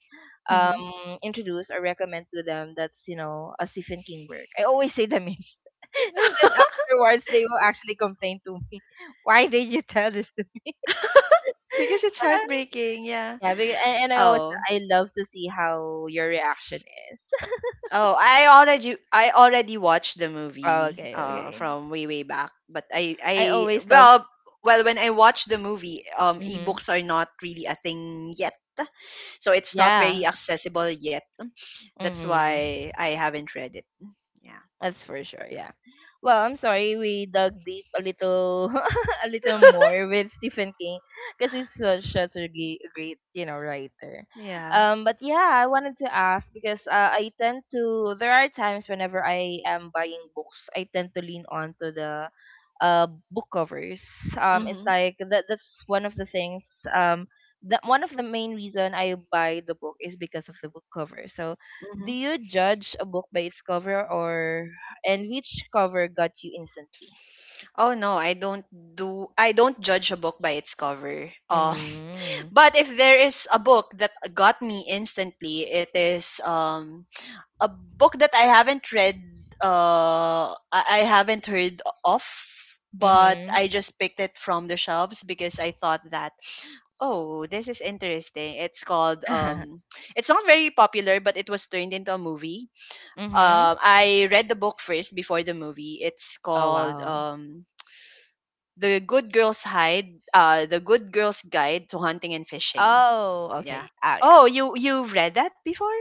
Speaker 2: Mm-hmm.
Speaker 1: introduce or recommend to them that's a Stephen King work, I always say The Mist, (laughs) and
Speaker 2: (laughs)
Speaker 1: then afterwards they will actually complain to me, (laughs) why did you tell this to me?
Speaker 2: because it's
Speaker 1: (laughs)
Speaker 2: heartbreaking. Yeah.
Speaker 1: yeah, and I always
Speaker 2: Oh.
Speaker 1: I love to see how your reaction is. (laughs)
Speaker 2: Oh, I already watched the
Speaker 1: Oh,
Speaker 2: movie
Speaker 1: okay, okay.
Speaker 2: from way way back, but I
Speaker 1: I always love.
Speaker 2: well when I watched the movie,
Speaker 1: Mhm.
Speaker 2: ebooks are not really a thing yet. So it's not
Speaker 1: Yeah.
Speaker 2: very accessible yet. That's why
Speaker 1: Mhm.
Speaker 2: I haven't read it. Yeah.
Speaker 1: That's for sure, yeah. Well, I'm sorry we dug deep a little (laughs) a little more with Stephen King because he's such a great, writer.
Speaker 2: Yeah.
Speaker 1: But yeah, I wanted to ask because I tend to there are times whenever I am buying books, I tend to lean on to the book covers. It's
Speaker 2: Mhm.
Speaker 1: like that, that's one of the things, that one of the main reason I buy the book is because of the book cover. So do
Speaker 2: Mhm.
Speaker 1: you judge a book by its cover or and which cover got you instantly?
Speaker 2: Oh no, I don't judge a book by its cover. (laughs)
Speaker 1: Mhm.
Speaker 2: But if there is a book that got me instantly, it is a book that I haven't read, I haven't heard of, but
Speaker 1: Mhm.
Speaker 2: I just picked it from the shelves because I thought that, oh, this is interesting. It's called,
Speaker 1: (laughs)
Speaker 2: it's not very popular, but it was turned into a movie.
Speaker 1: mhm.
Speaker 2: I read the book first before the movie. It's
Speaker 1: Oh
Speaker 2: called,
Speaker 1: wow.
Speaker 2: The Good Girl's Hide, The Good Girl's Guide to Hunting and Fishing.
Speaker 1: Oh,
Speaker 2: Yeah.
Speaker 1: okay. Ah, yeah.
Speaker 2: Oh, you read that before?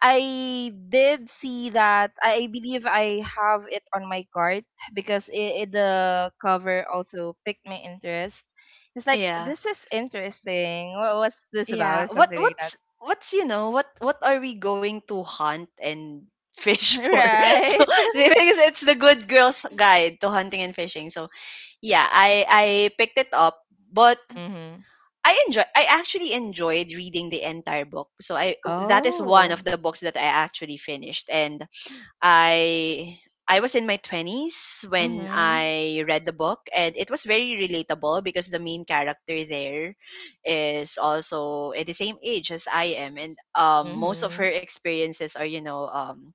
Speaker 1: I did see that. I believe I have it on my cart because the cover also picked my interest. It's like
Speaker 2: Yeah.
Speaker 1: this is interesting. What, what's this about?
Speaker 2: Yeah.
Speaker 1: Or
Speaker 2: What
Speaker 1: something like that,
Speaker 2: what's what's what are we going to hunt and
Speaker 1: (laughs)
Speaker 2: fish (laughs) for? So
Speaker 1: right?
Speaker 2: because it's the good girl's guide to hunting and fishing. So yeah, I picked it up, but
Speaker 1: Mhm.
Speaker 2: I actually enjoyed reading the entire book. So I that is one
Speaker 1: Oh.
Speaker 2: of the books that I actually finished and I I was in my 20s when
Speaker 1: Mhm.
Speaker 2: I read the book, and it was very relatable because the main character there is also at the same age as I am, and most of her
Speaker 1: Mhm.
Speaker 2: experiences are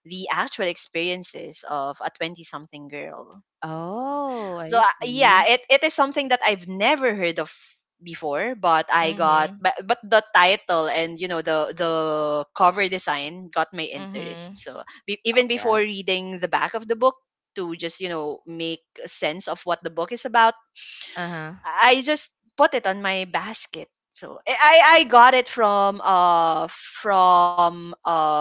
Speaker 2: the actual experiences of a 20 something girl. So,
Speaker 1: Oh, I
Speaker 2: yeah,
Speaker 1: see.
Speaker 2: it is something that I've never heard of before, but
Speaker 1: Mhm.
Speaker 2: but the title and the cover design got my interest.
Speaker 1: Mhm.
Speaker 2: So be,
Speaker 1: Oh,
Speaker 2: even before
Speaker 1: yeah.
Speaker 2: reading the back of the book to just make sense of what the book is about,
Speaker 1: Uh-huh.
Speaker 2: I just put it on my basket. So I got it from from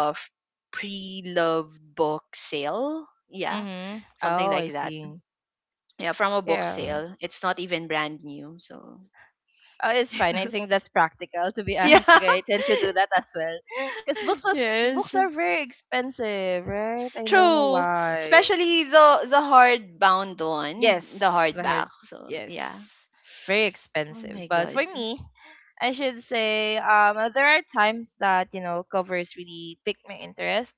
Speaker 2: pre-loved book sale. Yeah,
Speaker 1: Mm-hmm.
Speaker 2: something
Speaker 1: Oh,
Speaker 2: like
Speaker 1: I
Speaker 2: that.
Speaker 1: see.
Speaker 2: Yeah, from a book
Speaker 1: Yeah.
Speaker 2: sale. It's not even brand new. So
Speaker 1: Oh, it's fine. I think that's practical, to be (laughs)
Speaker 2: (laughs)
Speaker 1: honest
Speaker 2: yeah.
Speaker 1: you guys, I tend to do that as well. (laughs) Because
Speaker 2: Yes.
Speaker 1: books are very expensive, right? I don't know
Speaker 2: True.
Speaker 1: why.
Speaker 2: Especially the hardbound
Speaker 1: Yes.
Speaker 2: one, the
Speaker 1: The
Speaker 2: hardback.
Speaker 1: hard,
Speaker 2: So
Speaker 1: yes.
Speaker 2: yeah.
Speaker 1: Very
Speaker 2: Oh
Speaker 1: expensive.
Speaker 2: my
Speaker 1: But
Speaker 2: god.
Speaker 1: for me, I should say there are times that, you know, covers really pique my interest.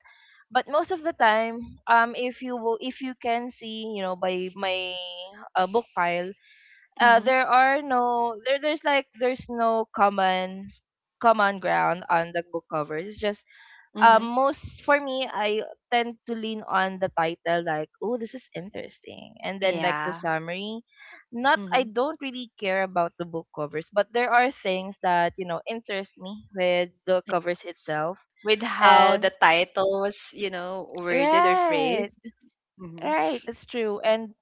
Speaker 1: But most of the time, if you will, if you can see, you know, by my book pile,
Speaker 2: Mhm.
Speaker 1: there's no common ground on the book covers. It's just
Speaker 2: Mhm.
Speaker 1: most for me, I tend to lean on the title, like, oh, this is interesting, and then like the
Speaker 2: Yeah.
Speaker 1: summary. Not I
Speaker 2: Mhm.
Speaker 1: don't really care about the book covers, but there are things that, you know, interest me with the covers itself.
Speaker 2: With how the
Speaker 1: And
Speaker 2: title was, you know, worded or
Speaker 1: right,
Speaker 2: phrased. hmm
Speaker 1: right, that's true. And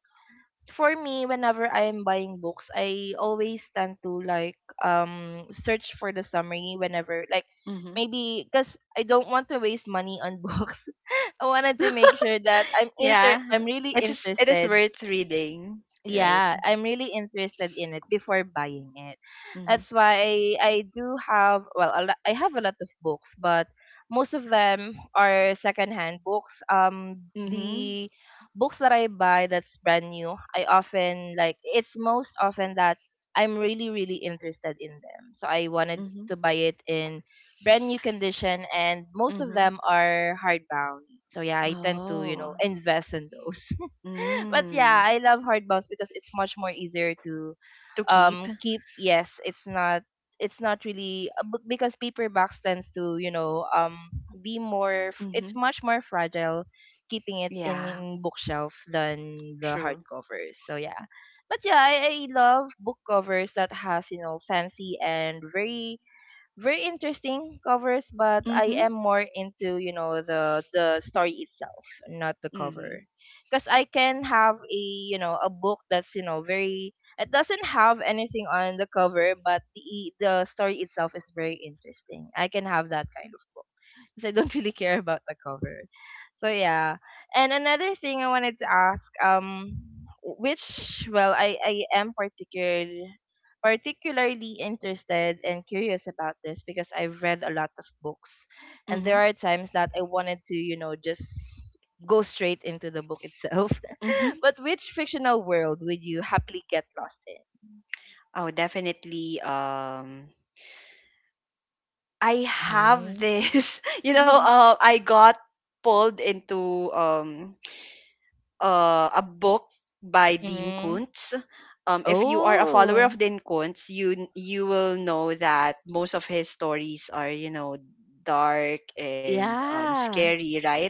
Speaker 1: for me, whenever I am buying books, I always tend to, like, search for the summary whenever, like,
Speaker 2: hmm
Speaker 1: maybe because I don't want to waste money on books. (laughs) I wanted to
Speaker 2: (laughs)
Speaker 1: make sure that
Speaker 2: Yeah,
Speaker 1: I'm really
Speaker 2: it is. It is
Speaker 1: interested,
Speaker 2: worth reading, right?
Speaker 1: yeah, I'm really interested in it before buying it.
Speaker 2: Mm-hmm.
Speaker 1: That's why I do have, well, I have a lot of books, but most of them are secondhand books.
Speaker 2: Mm-hmm.
Speaker 1: The books that I buy that's brand new, I often like it's most often that I'm really, really interested in them. So I wanted
Speaker 2: Mm-hmm.
Speaker 1: to buy it in brand new condition, and most of
Speaker 2: Mm-hmm.
Speaker 1: them are hardbound. So yeah, I tend to, you know,
Speaker 2: Oh.
Speaker 1: invest in those. (laughs) But yeah,
Speaker 2: Mm.
Speaker 1: I love hard bounce because it's much more easier to
Speaker 2: To keep.
Speaker 1: keep. Yes, it's not really because paperbacks tends to, you know, it's
Speaker 2: Mm-hmm.
Speaker 1: much more fragile keeping it
Speaker 2: Yeah.
Speaker 1: in bookshelf than the
Speaker 2: True.
Speaker 1: hardcovers. So yeah, but yeah, I love book covers that has, you know, fancy and very, very interesting covers, but I am
Speaker 2: Mm-hmm.
Speaker 1: more into, you know, the story itself, not the
Speaker 2: Mm-hmm.
Speaker 1: cover, because I can have a, you know, a book that's, you know, very, it doesn't have anything on the cover, but the story itself is very interesting. I can have that kind of book because I don't (laughs) really care about the cover. So yeah, and another thing I wanted to ask, which, well, I am particularly interested and curious about this because I've read a lot of books. And there
Speaker 2: Mm-hmm.
Speaker 1: are times that I wanted to, you know, just go straight into the book itself.
Speaker 2: Mm-hmm.
Speaker 1: (laughs) But which fictional world would you happily get lost in?
Speaker 2: Oh, definitely. I have
Speaker 1: Mm-hmm.
Speaker 2: this. (laughs) You know,
Speaker 1: (laughs)
Speaker 2: I got pulled into a book by Dean
Speaker 1: Mm-hmm.
Speaker 2: Kuntz. If you are a follower
Speaker 1: Oh,
Speaker 2: of Dean Kuntz, you will know that most of his stories are dark and
Speaker 1: yeah.
Speaker 2: scary, right?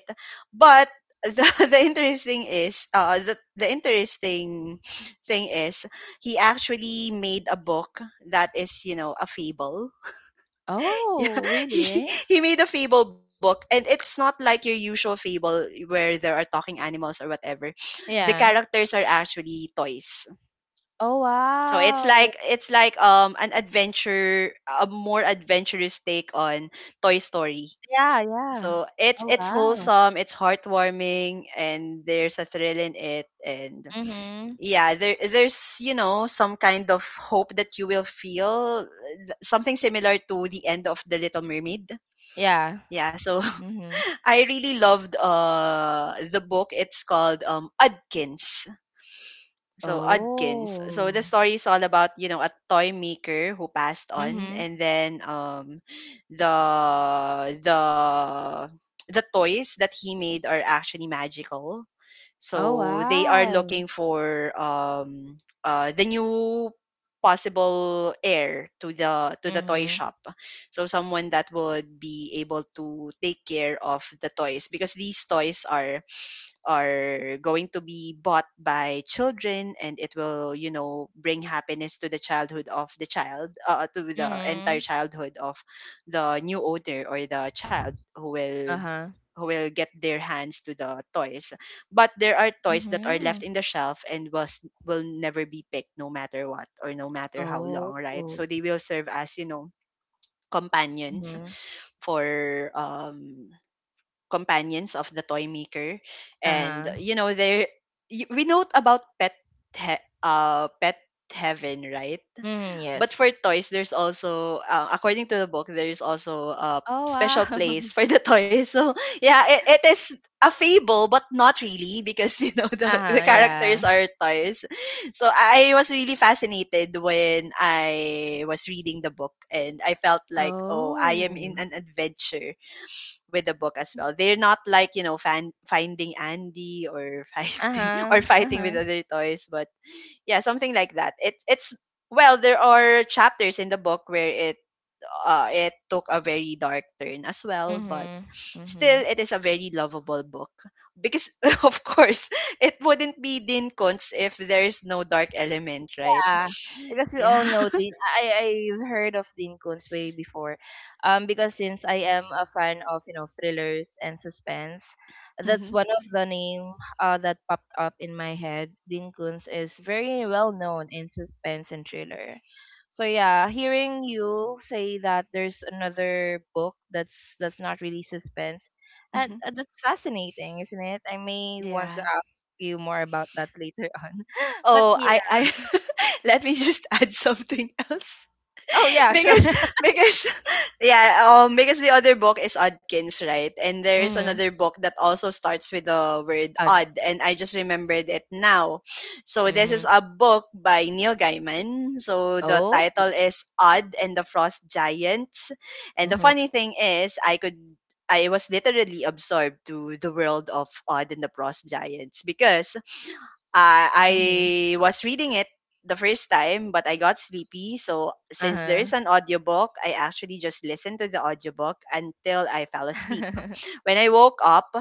Speaker 2: But the, (laughs) the interesting thing is he actually made a book that is a fable. Yeah,
Speaker 1: Oh,
Speaker 2: (laughs)
Speaker 1: really?
Speaker 2: he made a fable book, and it's not like your usual fable where there are talking animals or whatever. The
Speaker 1: Yeah.
Speaker 2: characters are actually toys,
Speaker 1: Oh,
Speaker 2: so
Speaker 1: wow.
Speaker 2: it's like an adventure, a more adventurous take on Toy Story.
Speaker 1: Yeah, yeah.
Speaker 2: So
Speaker 1: Oh,
Speaker 2: it's
Speaker 1: wow.
Speaker 2: wholesome, it's heartwarming, and there's a thrill in it, and
Speaker 1: Mm-hmm.
Speaker 2: yeah, there's some kind of hope that you will feel, something similar to the end of the Little Mermaid.
Speaker 1: Yeah.
Speaker 2: Yeah, so
Speaker 1: Mm-hmm.
Speaker 2: (laughs) I really loved the book. It's called Udkins. So Udkins. So the
Speaker 1: Oh.
Speaker 2: story is all about a toy maker who passed on,
Speaker 1: Mm-hmm.
Speaker 2: and then the the the toys that he made are actually magical,
Speaker 1: Oh,
Speaker 2: so they are
Speaker 1: wow.
Speaker 2: looking for the new possible heir to the toy
Speaker 1: Mhm.
Speaker 2: shop. So someone that would be able to take care of the toys because these toys are going to be bought by children, and it will bring happiness to the childhood of the child to the entire
Speaker 1: Mhm.
Speaker 2: childhood of the new owner or the child who will
Speaker 1: Uh-huh.
Speaker 2: get their hands to the toys. But there are toys that are
Speaker 1: Mhm.
Speaker 2: left in the shelf and was will never be picked no matter what or no matter how
Speaker 1: Oh.
Speaker 2: long, right? So they will serve as companions
Speaker 1: Mhm.
Speaker 2: for companions of the toy maker. And
Speaker 1: Uh-huh.
Speaker 2: there we know about pet pet heaven, right?
Speaker 1: Mhm,
Speaker 2: But for
Speaker 1: yes.
Speaker 2: toys there's also according to the book, there's also a
Speaker 1: Oh,
Speaker 2: special
Speaker 1: wow. (laughs)
Speaker 2: place for the (laughs) toys. So yeah, it is a fable but not really, because (laughs) you know the
Speaker 1: Uh-huh,
Speaker 2: characters
Speaker 1: yeah.
Speaker 2: are toys. So I was really fascinated when I was reading the book and I felt like oh I am
Speaker 1: Oh.
Speaker 2: in an adventure with the book as well. They're not like, you know, finding Andy or (laughs)
Speaker 1: Uh-huh.
Speaker 2: fighting with
Speaker 1: Uh-huh.
Speaker 2: other toys, but yeah, something like that. It it's well, there are chapters in the book where it took a very dark turn as well, but
Speaker 1: Mhm.
Speaker 2: still
Speaker 1: Mhm.
Speaker 2: it is a very lovable book because (laughs) of course it wouldn't be Dean Kuntz if there's no dark element, right?
Speaker 1: Yeah, because we
Speaker 2: Yeah.
Speaker 1: all know
Speaker 2: (laughs)
Speaker 1: Dean. I've heard of Dean Koontz way before, because since I am a fan of, you know, thrillers and suspense, that's
Speaker 2: hmm
Speaker 1: one of the name that popped up in my head. Dean Koontz is very well known in suspense and thriller. So yeah, hearing you say that there's another book that's not really suspense, and
Speaker 2: hmm
Speaker 1: that's fascinating, isn't it? I may want to
Speaker 2: Yeah.
Speaker 1: ask you more about that later (laughs) on. But
Speaker 2: Oh,
Speaker 1: yeah.
Speaker 2: I (laughs) let me just (laughs) add something else.
Speaker 1: Oh,
Speaker 2: (laughs)
Speaker 1: yeah, sure.
Speaker 2: because
Speaker 1: (laughs)
Speaker 2: because (laughs) yeah, because the other book is Odkins, right? And there is
Speaker 1: Mhm.
Speaker 2: another book that also starts with the word
Speaker 1: Uh,
Speaker 2: odd and I just remembered it now. So this is
Speaker 1: Mhm.
Speaker 2: a book by Neil Gaiman, so the
Speaker 1: Oh.
Speaker 2: title is Odd and the Frost Giants. And the funny
Speaker 1: Mhm.
Speaker 2: thing is I was literally absorbed to the world of Odd and the Frost Giants because
Speaker 1: Mhm.
Speaker 2: I was reading it the first time, but I got sleepy. So since there
Speaker 1: Uh-huh.
Speaker 2: is an audiobook, I actually just listened to the audiobook until I fell asleep.
Speaker 1: (laughs)
Speaker 2: When I woke up,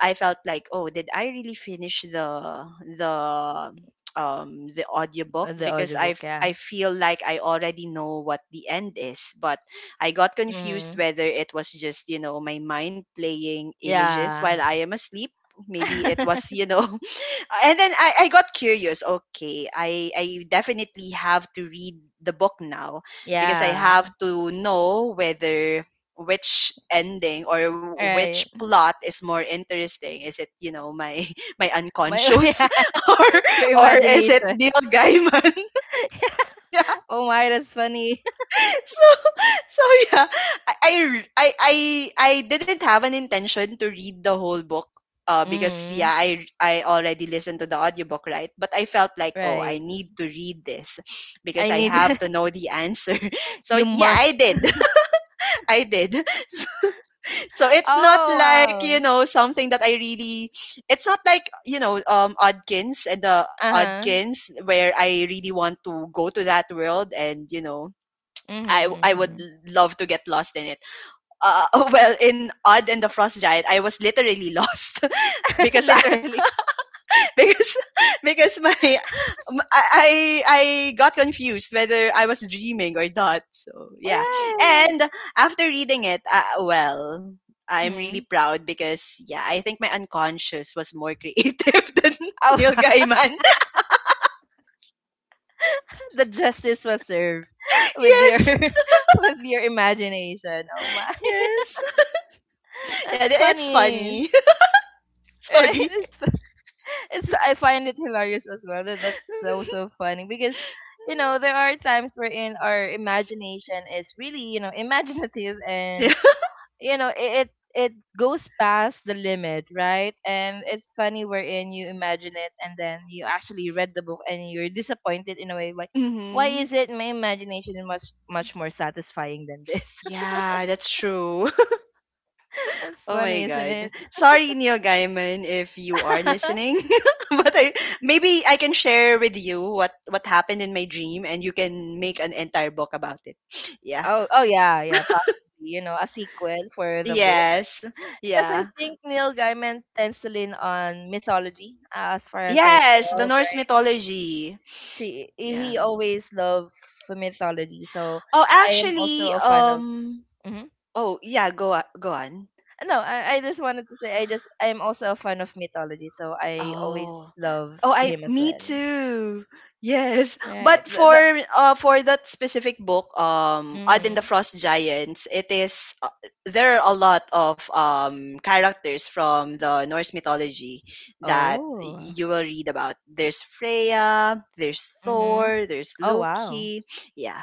Speaker 2: I felt like, oh, did I really finish the the the audiobook
Speaker 1: The
Speaker 2: because
Speaker 1: audiobook, yeah.
Speaker 2: I feel like I already know what the end is, but I got confused
Speaker 1: Mhm.
Speaker 2: whether it was just, you know, my mind playing images
Speaker 1: Yeah.
Speaker 2: while I am asleep. Maybe it was, you
Speaker 1: (laughs)
Speaker 2: know, (laughs) and then I got curious. Okay, I definitely have to read the book now because I have
Speaker 1: Yeah.
Speaker 2: to know whether which ending or which
Speaker 1: Right.
Speaker 2: plot is more interesting. Is it you know my (laughs) my
Speaker 1: My (laughs)
Speaker 2: unconscious
Speaker 1: yeah.
Speaker 2: (laughs) or
Speaker 1: Your
Speaker 2: or is it
Speaker 1: imagination.
Speaker 2: Neil Gaiman?
Speaker 1: (laughs)
Speaker 2: (laughs)
Speaker 1: Oh my, that's funny. (laughs)
Speaker 2: (laughs) so so yeah, I r- I didn't have an intention to read the whole book because yeah,
Speaker 1: Mhm.
Speaker 2: I already listened to the audiobook, right? But I felt like,
Speaker 1: Right.
Speaker 2: "Oh, I need to read this (sniffs)
Speaker 1: I
Speaker 2: because
Speaker 1: need
Speaker 2: I have
Speaker 1: (laughs)
Speaker 2: to know the answer." (laughs)
Speaker 1: you
Speaker 2: So yeah,
Speaker 1: must.
Speaker 2: I did. (laughs) I did. (laughs) So it's not
Speaker 1: Oh
Speaker 2: like, you
Speaker 1: wow.
Speaker 2: know, something that I really (sniffs) it's not like, you know, Odkins and the
Speaker 1: Uh-huh.
Speaker 2: Odkins where I really want to go to that world, and, you know,
Speaker 1: Mhm.
Speaker 2: I would
Speaker 1: Mhm.
Speaker 2: love to get lost in it. Uh, (laughs) well, in Odd and the Frost Giant, I was literally lost (laughs)
Speaker 1: (laughs)
Speaker 2: because I
Speaker 1: Literally.
Speaker 2: (laughs) because because my m- I I got confused whether I was dreaming or not. So yeah,
Speaker 1: Right.
Speaker 2: and after reading it, well. I'm really
Speaker 1: Mhm.
Speaker 2: proud because yeah, I think my unconscious was more creative (laughs) than
Speaker 1: Oh
Speaker 2: Neil
Speaker 1: (laughs)
Speaker 2: Gaiman.
Speaker 1: the justice was served with your
Speaker 2: (laughs) Yes,
Speaker 1: (laughs) with your imagination. Oh my,
Speaker 2: yes,
Speaker 1: (laughs)
Speaker 2: yeah,
Speaker 1: that's
Speaker 2: it's
Speaker 1: funny,
Speaker 2: funny. (laughs)
Speaker 1: right? (laughs)
Speaker 2: Sorry.
Speaker 1: It's fu- it's I find it hilarious as well. That's so, so
Speaker 2: (laughs)
Speaker 1: funny because, you know, there are times wherein our imagination is really, you know, imaginative, and,
Speaker 2: Yeah.
Speaker 1: you know, it goes past the limit, right, and it's funny wherein you imagine it and then you actually read the book and you're disappointed in a way, like, why is
Speaker 2: Mhm.
Speaker 1: it my imagination is much, much more satisfying than this?
Speaker 2: Yeah, that's true. (laughs)
Speaker 1: (laughs) That's
Speaker 2: Oh my
Speaker 1: funny, isn't
Speaker 2: God.
Speaker 1: it?
Speaker 2: Sorry, Neil Gaiman, if you are
Speaker 1: (laughs)
Speaker 2: listening. (laughs) But I maybe I can share with you what happened in my dream and you can make an entire book about it. (sniffs) Yeah.
Speaker 1: Oh, oh, yeah, yeah, possibly, you know, a sequel for the book
Speaker 2: Yes.
Speaker 1: because I
Speaker 2: Yeah.
Speaker 1: think Neil Gaiman tends to lean on mythology, as far as I
Speaker 2: Yes, the
Speaker 1: know,
Speaker 2: Norse
Speaker 1: right?
Speaker 2: mythology.
Speaker 1: She
Speaker 2: Yeah.
Speaker 1: he always loved mythology, so
Speaker 2: Oh,
Speaker 1: I am also
Speaker 2: actually,
Speaker 1: a fan of. Hmm.
Speaker 2: oh, yeah, go on, go on.
Speaker 1: No, I just wanted to say, I'm also a fan of mythology, so I
Speaker 2: Oh.
Speaker 1: always love
Speaker 2: Oh, I
Speaker 1: him as
Speaker 2: me
Speaker 1: well.
Speaker 2: too. Yes,
Speaker 1: Yeah,
Speaker 2: but for uh for that specific book, Odd and the
Speaker 1: mm-hmm.
Speaker 2: Frost Giants, it is there are a lot of characters from the Norse mythology that
Speaker 1: Oh,
Speaker 2: you will read about. There's Freya, there's
Speaker 1: mm-hmm.
Speaker 2: Thor, there's
Speaker 1: Oh wow.
Speaker 2: Loki. Yeah.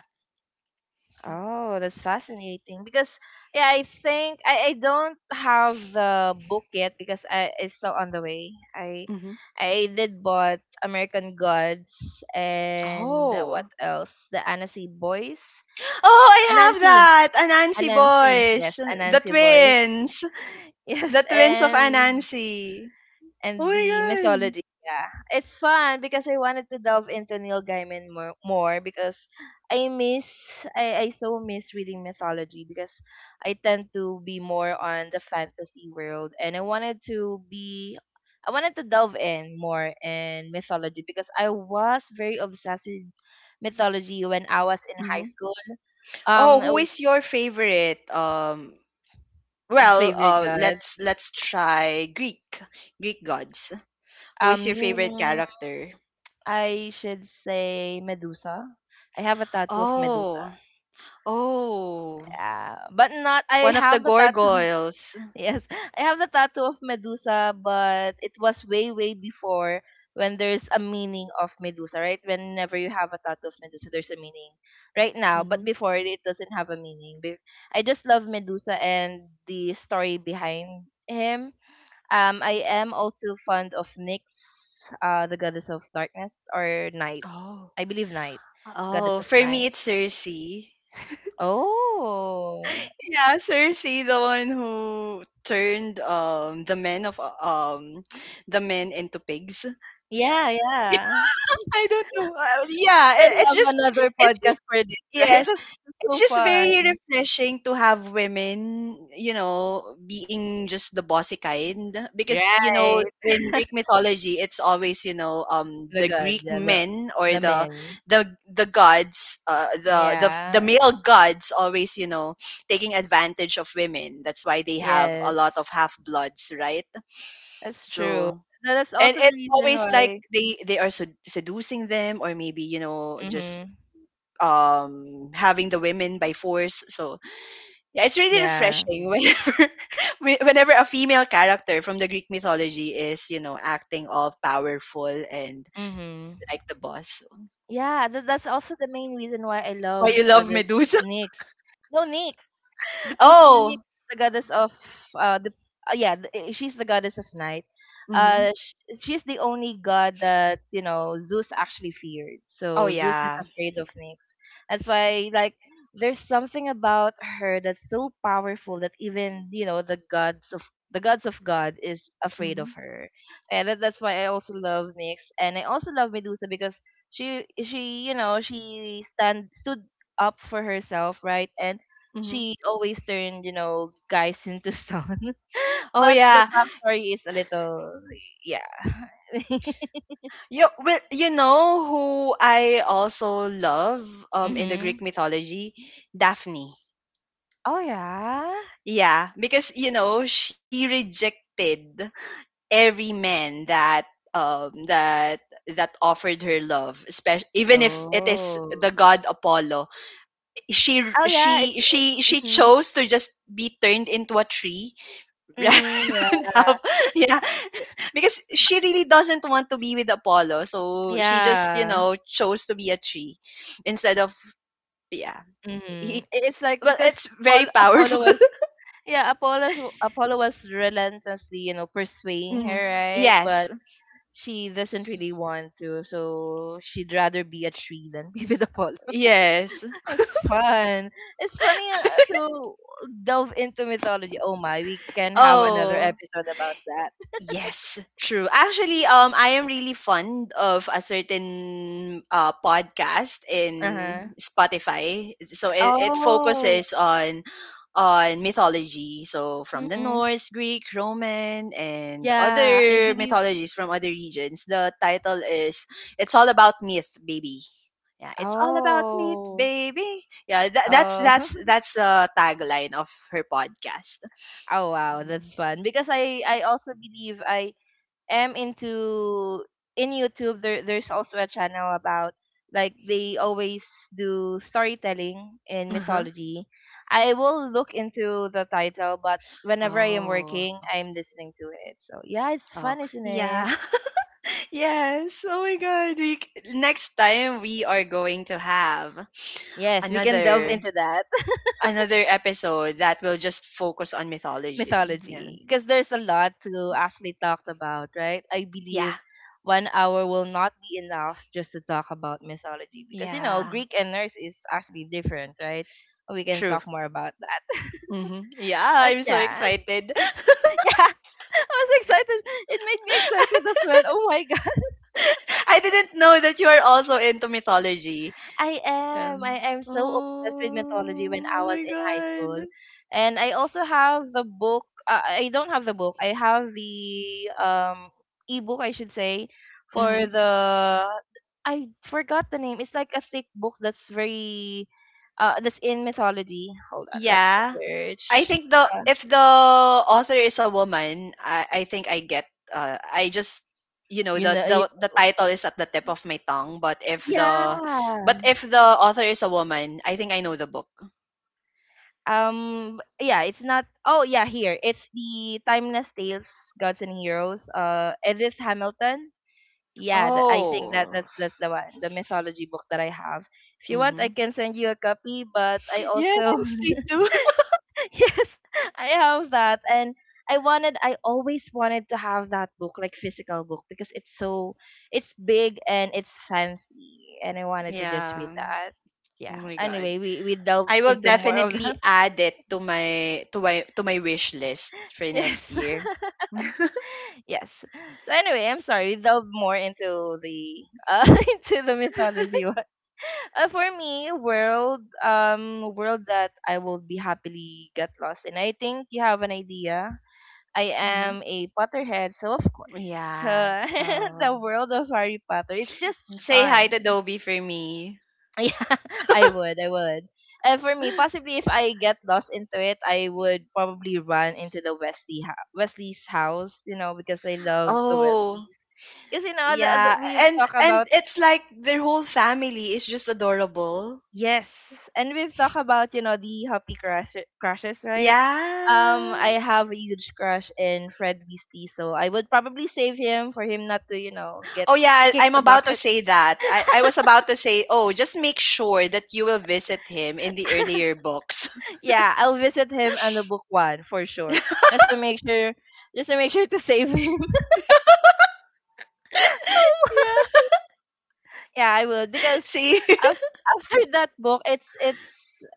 Speaker 1: Oh, that's fascinating because, yeah, I think I don't have the book yet because I it's still on the way. I
Speaker 2: Hmm.
Speaker 1: I did bought American Gods and, what
Speaker 2: Oh,
Speaker 1: else? The Anansi Boys.
Speaker 2: oh, I have
Speaker 1: Anansi.
Speaker 2: that Anansi
Speaker 1: Anansi. Yes,
Speaker 2: boys,
Speaker 1: Anansi Boys. (laughs)
Speaker 2: the
Speaker 1: Yes,
Speaker 2: twins of
Speaker 1: and
Speaker 2: Anansi. Oh
Speaker 1: and the
Speaker 2: my god.
Speaker 1: mythology. Yeah, it's fun because I wanted to delve into Neil Gaiman more, more because I miss I so miss reading mythology because I tend to be more on the fantasy world, and I wanted to delve in more in mythology because I was very obsessed with mythology when I was in high
Speaker 2: Mm-hmm.
Speaker 1: school.
Speaker 2: Oh,
Speaker 1: Um,
Speaker 2: who is your favorite? Well,
Speaker 1: favorite god.
Speaker 2: let's try Greek gods. Who is your favorite
Speaker 1: Um,
Speaker 2: character?
Speaker 1: I should say Medusa. I have a tattoo of Medusa.
Speaker 2: Oh, oh,
Speaker 1: But not I
Speaker 2: one of the
Speaker 1: have the tattoo. (laughs)
Speaker 2: gargoyles.
Speaker 1: Yes, I have the tattoo of Medusa, but it was way, way before when there's a meaning of Medusa, right? Whenever you have a tattoo of Medusa, there's a meaning right now, but
Speaker 2: Mhm.
Speaker 1: before it doesn't have a meaning. I just love Medusa and the story behind him. I am also fond of Nyx, the goddess of darkness or night.
Speaker 2: Oh,
Speaker 1: I believe night, goddess
Speaker 2: oh,
Speaker 1: of
Speaker 2: for me
Speaker 1: night.
Speaker 2: it's Cersei.
Speaker 1: Oh,
Speaker 2: Yeah, Cersei, the one who turned the men of the men into pigs. Yeah.
Speaker 1: yeah, yeah.
Speaker 2: (laughs) I don't know. Yeah,
Speaker 1: Can have another
Speaker 2: it's just
Speaker 1: podcast for this, (laughs) right?
Speaker 2: yes,
Speaker 1: That's
Speaker 2: it's
Speaker 1: so
Speaker 2: just
Speaker 1: fun,
Speaker 2: very refreshing to have women, you know, being just the bossy kind. Because, you know,
Speaker 1: right?
Speaker 2: in Greek
Speaker 1: (laughs)
Speaker 2: mythology it's always, you know,
Speaker 1: The
Speaker 2: the
Speaker 1: god,
Speaker 2: Greek
Speaker 1: yeah, the
Speaker 2: men or
Speaker 1: the
Speaker 2: the
Speaker 1: men,
Speaker 2: the the gods, the
Speaker 1: yeah,
Speaker 2: male gods always, you know, taking advantage of women. That's why they have a
Speaker 1: yes,
Speaker 2: lot of half bloods, right?
Speaker 1: that's
Speaker 2: So
Speaker 1: true. That's
Speaker 2: and
Speaker 1: also the
Speaker 2: it's
Speaker 1: reason
Speaker 2: always like
Speaker 1: why.
Speaker 2: they are seducing them or maybe, you know, just
Speaker 1: Mhm.
Speaker 2: having the women by force so yeah, it's really
Speaker 1: Yeah.
Speaker 2: refreshing whenever (laughs) whenever a female character from the Greek mythology is, you know, acting all powerful and
Speaker 1: Mhm.
Speaker 2: like the boss.
Speaker 1: Yeah, that's also the main reason why I
Speaker 2: Why
Speaker 1: love
Speaker 2: you love
Speaker 1: Goddess
Speaker 2: Medusa? (laughs)
Speaker 1: Nyx. No, Nyx, because Nyx,
Speaker 2: Oh.
Speaker 1: the goddess of, the yeah, she's the goddess of night.
Speaker 2: Hmm.
Speaker 1: She's the only god that, you know, Zeus actually feared,
Speaker 2: Oh
Speaker 1: so Zeus is
Speaker 2: yeah.
Speaker 1: afraid of Nyx. That's why, like, there's something about her that's so powerful that even, you know, the gods of god is afraid of
Speaker 2: Hmm.
Speaker 1: her. And that's why I also love Nyx, and I also love Medusa because she, you know, she stand stood up for herself, right, and
Speaker 2: Hmm.
Speaker 1: she always turned, you know, guys into stone. (laughs)
Speaker 2: Oh
Speaker 1: But the
Speaker 2: yeah.
Speaker 1: backstory is a little, yeah. (laughs)
Speaker 2: You well, you know who I also love in the Greek
Speaker 1: Mhm.
Speaker 2: mythology, Daphne.
Speaker 1: Oh yeah.
Speaker 2: Yeah, because you know she rejected every man that um that that offered her love, especially even if it is the
Speaker 1: Oh.
Speaker 2: god Apollo. she
Speaker 1: Oh yeah. It's.
Speaker 2: she she she
Speaker 1: Mhm.
Speaker 2: chose to just be turned into a tree (laughs) rather
Speaker 1: Mhm.
Speaker 2: than have
Speaker 1: Yeah.
Speaker 2: yeah because she really doesn't want to be with Apollo, so she just, you
Speaker 1: Yeah.
Speaker 2: know, chose to be a tree instead of yeah
Speaker 1: Mhm.
Speaker 2: he,
Speaker 1: It's like
Speaker 2: well
Speaker 1: because
Speaker 2: it's very
Speaker 1: Apollo
Speaker 2: powerful.
Speaker 1: was. Yeah, Apollo was relentlessly, you know,
Speaker 2: (laughs)
Speaker 1: pursuing
Speaker 2: Hmm.
Speaker 1: her, right?
Speaker 2: Yes,
Speaker 1: But she doesn't really want to, so she'd rather be a tree than (laughs) be with Apollo.
Speaker 2: yes,
Speaker 1: It's fun. It's funny, to delve into mythology. Oh my, we can have another
Speaker 2: oh
Speaker 1: episode about that.
Speaker 2: yes, true. Actually,
Speaker 1: (laughs)
Speaker 2: I am really fond of a certain podcast
Speaker 1: Uh-huh.
Speaker 2: in Spotify. It
Speaker 1: Oh.
Speaker 2: focuses on mythology. So from the
Speaker 1: Mm-hmm.
Speaker 2: Norse, Greek, Roman, and
Speaker 1: Yeah, I
Speaker 2: other
Speaker 1: believe.
Speaker 2: mythologies from other regions. The title is "It's All About Myth, Baby." Yeah, it's all about myth,
Speaker 1: Oh.
Speaker 2: baby. Yeah, that's
Speaker 1: Oh.
Speaker 2: that's
Speaker 1: (laughs)
Speaker 2: that's the tagline of her podcast.
Speaker 1: Oh wow, that's fun. Because I also believe I am into in YouTube there's also a channel about, like, they always do storytelling in
Speaker 2: Uh huh.
Speaker 1: mythology. I will look into the title, but whenever I am
Speaker 2: Oh.
Speaker 1: working, I'm listening to it. So yeah, it's
Speaker 2: Oh,
Speaker 1: fun, isn't
Speaker 2: yeah.
Speaker 1: it?
Speaker 2: (laughs) Yes. Oh my God. Next time we are going to have
Speaker 1: Yes, we can delve
Speaker 2: another
Speaker 1: into that
Speaker 2: another episode that will just focus on mythology. Yeah.
Speaker 1: mythology because there's a lot to actually talk about, right? I
Speaker 2: Yeah.
Speaker 1: believe 1 hour will not be enough just to talk about mythology because, you know,
Speaker 2: Yeah.
Speaker 1: Greek and nurse is actually different, right? We can
Speaker 2: True.
Speaker 1: talk more about that.
Speaker 2: Hmm. Yeah,
Speaker 1: But
Speaker 2: I'm so
Speaker 1: yeah,
Speaker 2: excited.
Speaker 1: (laughs) yeah, I was excited. It made me excited as well. Oh my,
Speaker 2: (laughs) I didn't know that you are also into mythology.
Speaker 1: I am. I am so obsessed with mythology when
Speaker 2: Oh,
Speaker 1: I
Speaker 2: oh
Speaker 1: was
Speaker 2: my
Speaker 1: in high school.
Speaker 2: God.
Speaker 1: And I also have the book. I don't have the book. I have the ebook, I should say,
Speaker 2: Hmm.
Speaker 1: for the I forgot the name. It's like a thick book that's very that's in mythology. Hold on, let
Speaker 2: Yeah.
Speaker 1: me
Speaker 2: I
Speaker 1: search.
Speaker 2: think the
Speaker 1: Uh,
Speaker 2: if the author is a woman, I think I get I just you know
Speaker 1: you know, you,
Speaker 2: the title is at the tip of my tongue,
Speaker 1: yeah.
Speaker 2: but if the author is a woman, I think I know the book.
Speaker 1: Yeah, it's not. Oh, yeah, here it's the Timeless Tales, Gods and Heroes. Edith Hamilton. Yeah, I think that
Speaker 2: Oh.
Speaker 1: that's the one, the mythology book that I have. If you want, I
Speaker 2: Mm-hmm.
Speaker 1: can send you a copy, but I also
Speaker 2: Yes, please do. (laughs)
Speaker 1: (laughs) yes, I have that, and I always wanted to have that book, like, physical book because it's so, it's big, and it's fancy, and I wanted to just read
Speaker 2: Yeah.
Speaker 1: that. Yeah.
Speaker 2: Oh my god.
Speaker 1: Anyway, we delve
Speaker 2: I will
Speaker 1: into more of
Speaker 2: definitely
Speaker 1: that. (laughs)
Speaker 2: add it to my wish list for
Speaker 1: Yes.
Speaker 2: next
Speaker 1: (laughs)
Speaker 2: year.
Speaker 1: Yes. So anyway, I'm sorry. We delve more into the uh (laughs) into the mythology one. For me, world that I will be happily get lost in. I think you have an idea. I
Speaker 2: Mm-hmm.
Speaker 1: am a Potterhead, so of course,
Speaker 2: Yeah.
Speaker 1: (laughs)
Speaker 2: Oh.
Speaker 1: the world of Harry Potter. It's just
Speaker 2: Say hi to
Speaker 1: fun. (laughs)
Speaker 2: Dobie for me.
Speaker 1: Yeah, I would. And for me, possibly if I get lost into it, I would probably run into the Wesley's house, you know, because I love the
Speaker 2: Oh.
Speaker 1: Wesleys. Because, you know,
Speaker 2: Yeah,
Speaker 1: we've talked
Speaker 2: and
Speaker 1: about.
Speaker 2: it's like their whole family is just adorable.
Speaker 1: Yes. And we've talked about, you know, the crushes, right?
Speaker 2: Yeah.
Speaker 1: I have a huge crush in Fred Beastie, so I would probably save him for him not to, you know, get
Speaker 2: Oh yeah,
Speaker 1: kick
Speaker 2: I'm
Speaker 1: the
Speaker 2: about to
Speaker 1: bucket.
Speaker 2: say that. I was about to say, "Oh, just make sure that you will visit him in the earlier
Speaker 1: (laughs)
Speaker 2: books."
Speaker 1: Yeah, I'll visit him on the book one for sure.
Speaker 2: (laughs)
Speaker 1: Just to make sure just to make sure to save him. (laughs) Oh,
Speaker 2: yeah.
Speaker 1: yeah, I would
Speaker 2: (laughs)
Speaker 1: because
Speaker 2: See?
Speaker 1: af- after (laughs) that book, it's it's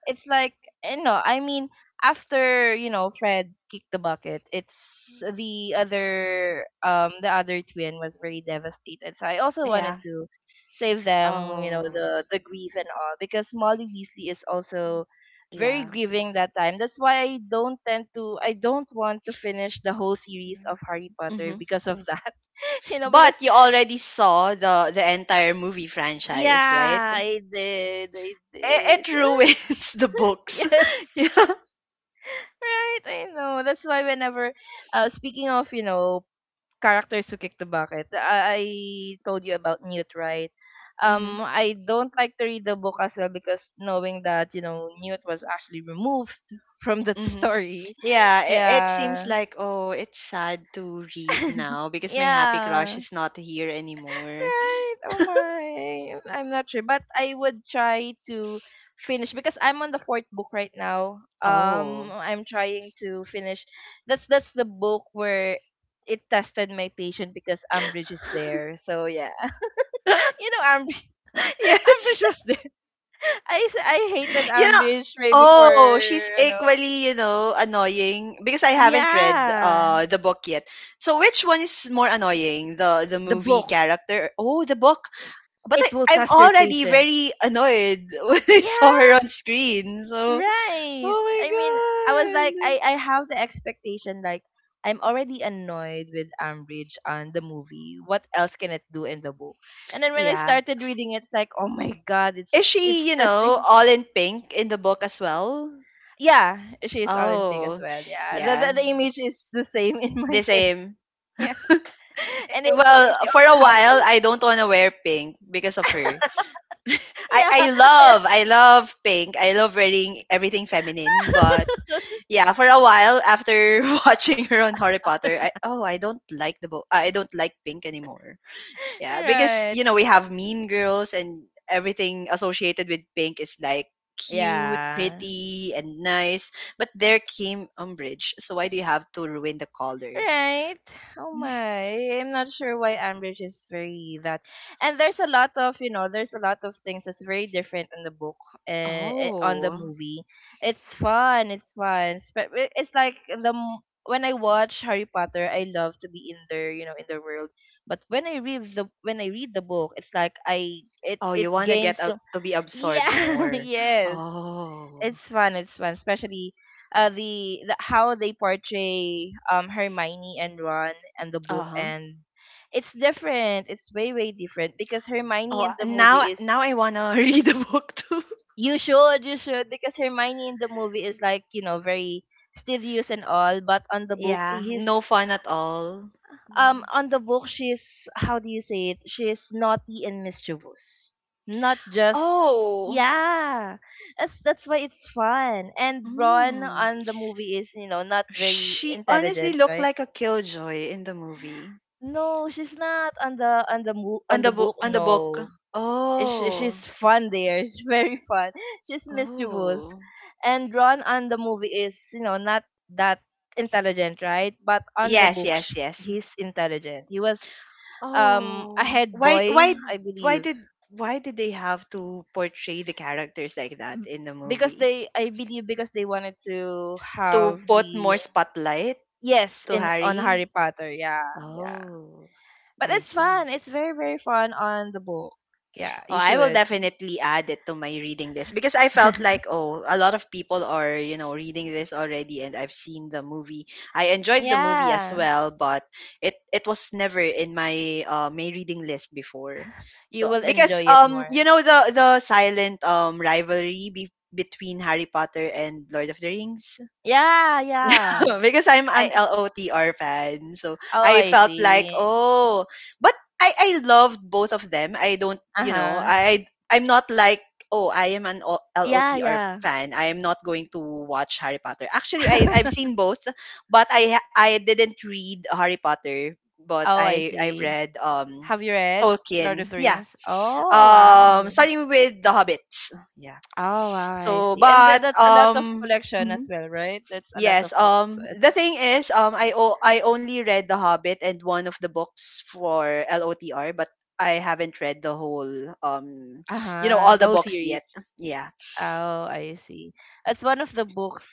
Speaker 1: it's like, you know, I mean, after, you know, Fred kicked the bucket, it's the other twin was very devastated. So I also
Speaker 2: (laughs)
Speaker 1: wanted
Speaker 2: yeah.
Speaker 1: to save them, you know,
Speaker 2: Oh,
Speaker 1: the grief and all because Molly Weasley is also very
Speaker 2: yeah.
Speaker 1: grieving that time. That's why I don't want to finish the whole series of Harry
Speaker 2: Mm-hmm.
Speaker 1: Potter because of that. (laughs) You know,
Speaker 2: But
Speaker 1: because
Speaker 2: you already saw the entire movie franchise, right?
Speaker 1: yeah, I did. I did.
Speaker 2: It
Speaker 1: (laughs)
Speaker 2: ruins (laughs) the books.
Speaker 1: Yes.
Speaker 2: (laughs) yeah.
Speaker 1: Right, I know. That's why whenever speaking of, you know, characters who kick the bucket, I told you about Newt, right?
Speaker 2: Mm-hmm.
Speaker 1: I don't like to read the book as well because knowing that, you know, Newt was actually removed (laughs) from that
Speaker 2: Mm-hmm.
Speaker 1: story.
Speaker 2: Yeah,
Speaker 1: (laughs)
Speaker 2: it seems
Speaker 1: Yeah.
Speaker 2: like, oh, it's sad to read
Speaker 1: (laughs)
Speaker 2: now because my happy crush
Speaker 1: Yeah.
Speaker 2: is not here anymore.
Speaker 1: Right. Oh my. I'm not sure, but I would try to finish because I'm on the fourth book right now.
Speaker 2: Oh,
Speaker 1: I'm trying to finish. That's the book where it tested my patience because Ambridge is there. So yeah, (laughs) you know, Ambridge,
Speaker 2: (laughs)
Speaker 1: (laughs)
Speaker 2: yes.
Speaker 1: Ambridge was
Speaker 2: (laughs)
Speaker 1: there. (laughs) I hated
Speaker 2: You know,
Speaker 1: Ambridge way before,
Speaker 2: oh, she's
Speaker 1: you know.
Speaker 2: equally, you know, annoying because I haven't read
Speaker 1: Yeah,
Speaker 2: the book yet. So which one is more annoying? The
Speaker 1: the
Speaker 2: movie
Speaker 1: book.
Speaker 2: character? Oh, the book. But
Speaker 1: It will
Speaker 2: I'm
Speaker 1: test your
Speaker 2: already
Speaker 1: patience.
Speaker 2: very annoyed (laughs) when I saw her on
Speaker 1: Yeah.
Speaker 2: screen. So,
Speaker 1: Right.
Speaker 2: oh my
Speaker 1: I mean, I was like,
Speaker 2: God.
Speaker 1: I have the expectation, like, I'm already annoyed with Ambridge on the movie. What else can it do in the book? And then when I
Speaker 2: Yeah.
Speaker 1: started reading it, it's like, oh my god, it's
Speaker 2: Is she,
Speaker 1: it's
Speaker 2: you know,
Speaker 1: testing. (laughs)
Speaker 2: all in pink in the book as well?
Speaker 1: Yeah, she's Olympic as
Speaker 2: Oh,
Speaker 1: well. Yeah,
Speaker 2: yeah,
Speaker 1: the image is the same in
Speaker 2: the
Speaker 1: my (laughs) head.
Speaker 2: same.
Speaker 1: Yeah, and
Speaker 2: Well,
Speaker 1: she
Speaker 2: for
Speaker 1: also
Speaker 2: a
Speaker 1: has a
Speaker 2: while,
Speaker 1: lot.
Speaker 2: I don't want to wear pink because of her.
Speaker 1: Yeah,
Speaker 2: I love pink. I love wearing everything feminine. But yeah, for a while after (laughs) watching her on Harry Potter, I, oh, I don't like the book. I don't like pink anymore.
Speaker 1: (laughs)
Speaker 2: Yeah, because
Speaker 1: right.
Speaker 2: you know we have mean girls and everything associated with pink is like cute,
Speaker 1: Yeah.
Speaker 2: pretty, and nice. But there came umbrage. So why do you have to ruin the color?
Speaker 1: Right. Oh my. I'm not sure why Ambridge is very that. And there's a lot of, you know, there's a lot of things that's very different in the book, on the
Speaker 2: Oh.
Speaker 1: movie. It's fun. It's fun. But it's like when I watch Harry Potter, I love to be in there, you know, in the world. But when I read the book, it's like I it
Speaker 2: Oh, you
Speaker 1: it
Speaker 2: want to
Speaker 1: gains
Speaker 2: get out to be absorbed
Speaker 1: yeah, (laughs)
Speaker 2: more.
Speaker 1: yes, it's
Speaker 2: Oh.
Speaker 1: fun. It's fun, especially the how they portray Hermione and Ron and the book,
Speaker 2: Uh-huh.
Speaker 1: and it's different. It's way different because Hermione
Speaker 2: Oh,
Speaker 1: in the movie is
Speaker 2: now I want to (laughs) read the book too.
Speaker 1: you should because Hermione in the movie is like, you know, very studious and all, but on the book
Speaker 2: Yeah, no
Speaker 1: he's
Speaker 2: fun at all. Yeah.
Speaker 1: on the book she's, how do you say it, she's naughty and mischievous, not just
Speaker 2: Oh.
Speaker 1: yeah, that's why it's fun. And Ron
Speaker 2: Mm.
Speaker 1: on the movie is, you know, not very
Speaker 2: She honestly
Speaker 1: intelligent,
Speaker 2: looked
Speaker 1: right?
Speaker 2: like a killjoy in the movie.
Speaker 1: No, she's not on the on the book.
Speaker 2: On the book.
Speaker 1: No, Sh- she's
Speaker 2: Oh.
Speaker 1: fun there. She's very fun. She's mischievous.
Speaker 2: Oh.
Speaker 1: And Ron on the movie is, you know, not that intelligent, right? But on the
Speaker 2: Yes,
Speaker 1: book,
Speaker 2: yes, yes.
Speaker 1: he's intelligent. He was a
Speaker 2: Oh.
Speaker 1: head boy, I believe.
Speaker 2: Why did they have to portray the characters like that
Speaker 1: B-
Speaker 2: in the
Speaker 1: Because
Speaker 2: movie?
Speaker 1: they, I believe, because they wanted to
Speaker 2: To
Speaker 1: have
Speaker 2: put
Speaker 1: the
Speaker 2: more spotlight
Speaker 1: yes
Speaker 2: to
Speaker 1: in on
Speaker 2: Harry?
Speaker 1: Harry Potter. Yeah, yeah.
Speaker 2: Oh,
Speaker 1: But
Speaker 2: I
Speaker 1: it's
Speaker 2: see.
Speaker 1: fun. It's very fun on the book. Yeah,
Speaker 2: Oh,
Speaker 1: you
Speaker 2: I will
Speaker 1: should.
Speaker 2: definitely add it to my reading list because I felt
Speaker 1: (laughs)
Speaker 2: like, oh, a lot of people are, you know, reading this already and I've seen the movie. I enjoyed the movie as
Speaker 1: Yeah,
Speaker 2: well, but it was never in my my reading list before.
Speaker 1: you
Speaker 2: So
Speaker 1: will
Speaker 2: because
Speaker 1: enjoy it more.
Speaker 2: you know the silent rivalry between Harry Potter and Lord of the Rings.
Speaker 1: Yeah, yeah.
Speaker 2: (laughs) because I'm an
Speaker 1: I
Speaker 2: LOTR fan. So
Speaker 1: oh,
Speaker 2: I
Speaker 1: I
Speaker 2: felt like,
Speaker 1: see.
Speaker 2: oh, but I loved both of them. I don't, you know,
Speaker 1: Uh-huh.
Speaker 2: I'm not like, oh, I am an O-
Speaker 1: Yeah,
Speaker 2: LOTR
Speaker 1: yeah.
Speaker 2: fan. I am not going to watch Harry Potter. Actually, I I've
Speaker 1: (laughs)
Speaker 2: seen both, but I didn't read Harry Potter, but
Speaker 1: Oh, I
Speaker 2: I I've
Speaker 1: see.
Speaker 2: read
Speaker 1: Have you read Lord of
Speaker 2: Tolkien.
Speaker 1: the
Speaker 2: Yeah.
Speaker 1: Rings? Oh, wow.
Speaker 2: Starting with The Hobbits. Yeah.
Speaker 1: Oh, wow, I
Speaker 2: So,
Speaker 1: see. And that
Speaker 2: but
Speaker 1: that's a lot of collection as
Speaker 2: mhm.
Speaker 1: well, right? That's a lot of
Speaker 2: Yes.
Speaker 1: books. It-
Speaker 2: The thing is, I only read The Hobbit and one of the books for LOTR, but I haven't read the whole, you know,
Speaker 1: uh-huh.
Speaker 2: all
Speaker 1: The
Speaker 2: the
Speaker 1: whole
Speaker 2: books yet.
Speaker 1: series.
Speaker 2: Yeah.
Speaker 1: Oh, I see. That's one of the books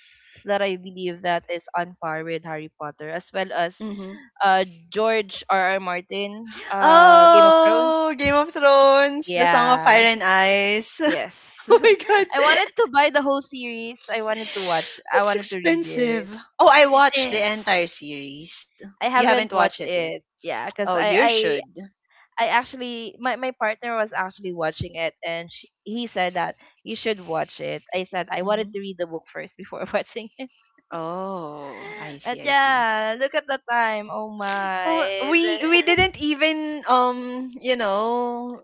Speaker 1: that I believe that is on par with Harry Potter, as well as
Speaker 2: Mm-hmm.
Speaker 1: uh George R. R. Martin, Game of Thrones.
Speaker 2: Oh, Game of Thrones, The Song of Fire
Speaker 1: Yeah.
Speaker 2: and Ice.
Speaker 1: Yes.
Speaker 2: (laughs) oh my
Speaker 1: (laughs)
Speaker 2: God, (laughs)
Speaker 1: I wanted to buy the whole series. I wanted to watch. I
Speaker 2: it's
Speaker 1: wanted to read
Speaker 2: expensive.
Speaker 1: it.
Speaker 2: Oh, I
Speaker 1: It
Speaker 2: watched the
Speaker 1: is.
Speaker 2: entire series.
Speaker 1: I
Speaker 2: You haven't
Speaker 1: haven't
Speaker 2: watched it
Speaker 1: watched
Speaker 2: yet.
Speaker 1: it. Yeah,
Speaker 2: Oh,
Speaker 1: because
Speaker 2: you should.
Speaker 1: I actually my partner was actually watching it and sh he said that you should watch it. I said I
Speaker 2: Hmm.
Speaker 1: wanted to read the book first before (laughs) watching it.
Speaker 2: Oh, I see.
Speaker 1: But
Speaker 2: I see.
Speaker 1: yeah, look at the time. Oh
Speaker 2: Oh,
Speaker 1: my. There-
Speaker 2: we didn't even you know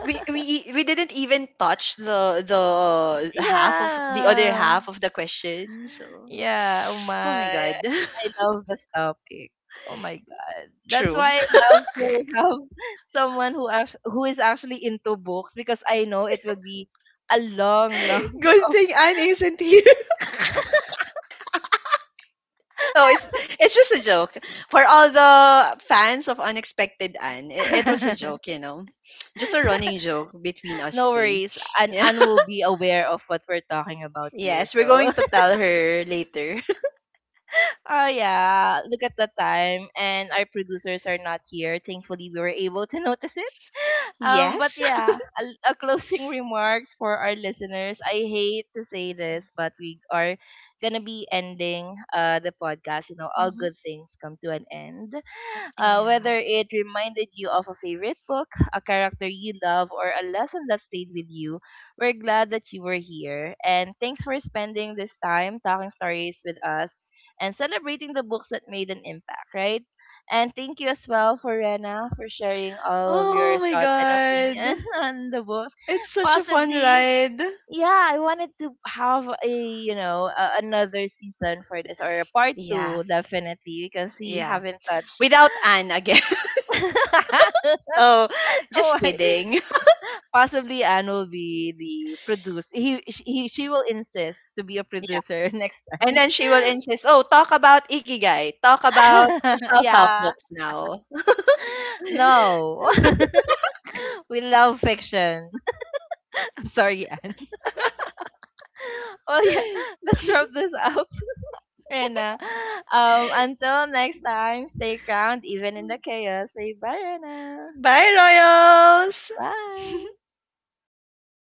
Speaker 2: we didn't even touch the half of the other
Speaker 1: yeah.
Speaker 2: half of the question. So,
Speaker 1: Yeah, oh
Speaker 2: oh my
Speaker 1: my.
Speaker 2: god,
Speaker 1: I
Speaker 2: (laughs)
Speaker 1: love this topic. Oh my god. That's
Speaker 2: true.
Speaker 1: why I love to have (laughs) someone who is actually into books because I know it will be a long, long
Speaker 2: (laughs) Good
Speaker 1: (laughs) of
Speaker 2: thing Anne isn't here. (laughs) No, it's just a joke for all the fans of Unexpected Anne. It was a
Speaker 1: (laughs)
Speaker 2: joke, you know, just a running joke between us
Speaker 1: no
Speaker 2: three.
Speaker 1: worries.
Speaker 2: (laughs)
Speaker 1: And
Speaker 2: Yeah.
Speaker 1: Anne will be aware of what we're talking about here.
Speaker 2: Yes, we're going
Speaker 1: So
Speaker 2: to
Speaker 1: (laughs)
Speaker 2: tell her later. (laughs)
Speaker 1: oh yeah, look at the time, and our producers are not here. Thankfully, we were able to (laughs) notice it. But
Speaker 2: yes.
Speaker 1: yeah, a closing (laughs) remarks for our listeners. I hate to say this, but we are gonna be ending the podcast. You know,
Speaker 2: (laughs)
Speaker 1: all
Speaker 2: Hmm.
Speaker 1: good things come to an end.
Speaker 2: Yeah.
Speaker 1: Whether it reminded you of a favorite book, a character you love, or a lesson that stayed with you, we're glad that you were here. And thanks for spending this time talking stories with us and celebrating the books that made an impact, right? And thank you as well for Rena for sharing all of
Speaker 2: Oh
Speaker 1: your
Speaker 2: my
Speaker 1: thoughts and
Speaker 2: god.
Speaker 1: opinion (laughs) on the books.
Speaker 2: It's such a fun
Speaker 1: Possibly,
Speaker 2: ride.
Speaker 1: yeah, I wanted to have a, you know, a, another season for this or a part
Speaker 2: Yeah.
Speaker 1: two, definitely, because we
Speaker 2: Yeah.
Speaker 1: haven't touched.
Speaker 2: Without Anne again.
Speaker 1: (laughs)
Speaker 2: (laughs) oh, just
Speaker 1: Oh, my,
Speaker 2: kidding. (laughs)
Speaker 1: possibly Anne will be the producer. He, sh- he she will insist to be a
Speaker 2: Yeah.
Speaker 1: producer (laughs) next
Speaker 2: And
Speaker 1: time.
Speaker 2: then she will insist, "Oh, talk about ikigai. Talk about
Speaker 1: (laughs)
Speaker 2: self-help
Speaker 1: Yeah.
Speaker 2: books now." (laughs)
Speaker 1: No. (laughs) We love fiction. (laughs) I'm sorry, Anne. (laughs) Well, yeah, (laughs) let's wrap this up, (laughs) Rena. Until next time, stay grounded even in the chaos. Say bye, Rena.
Speaker 2: Bye, Royals.
Speaker 1: Bye.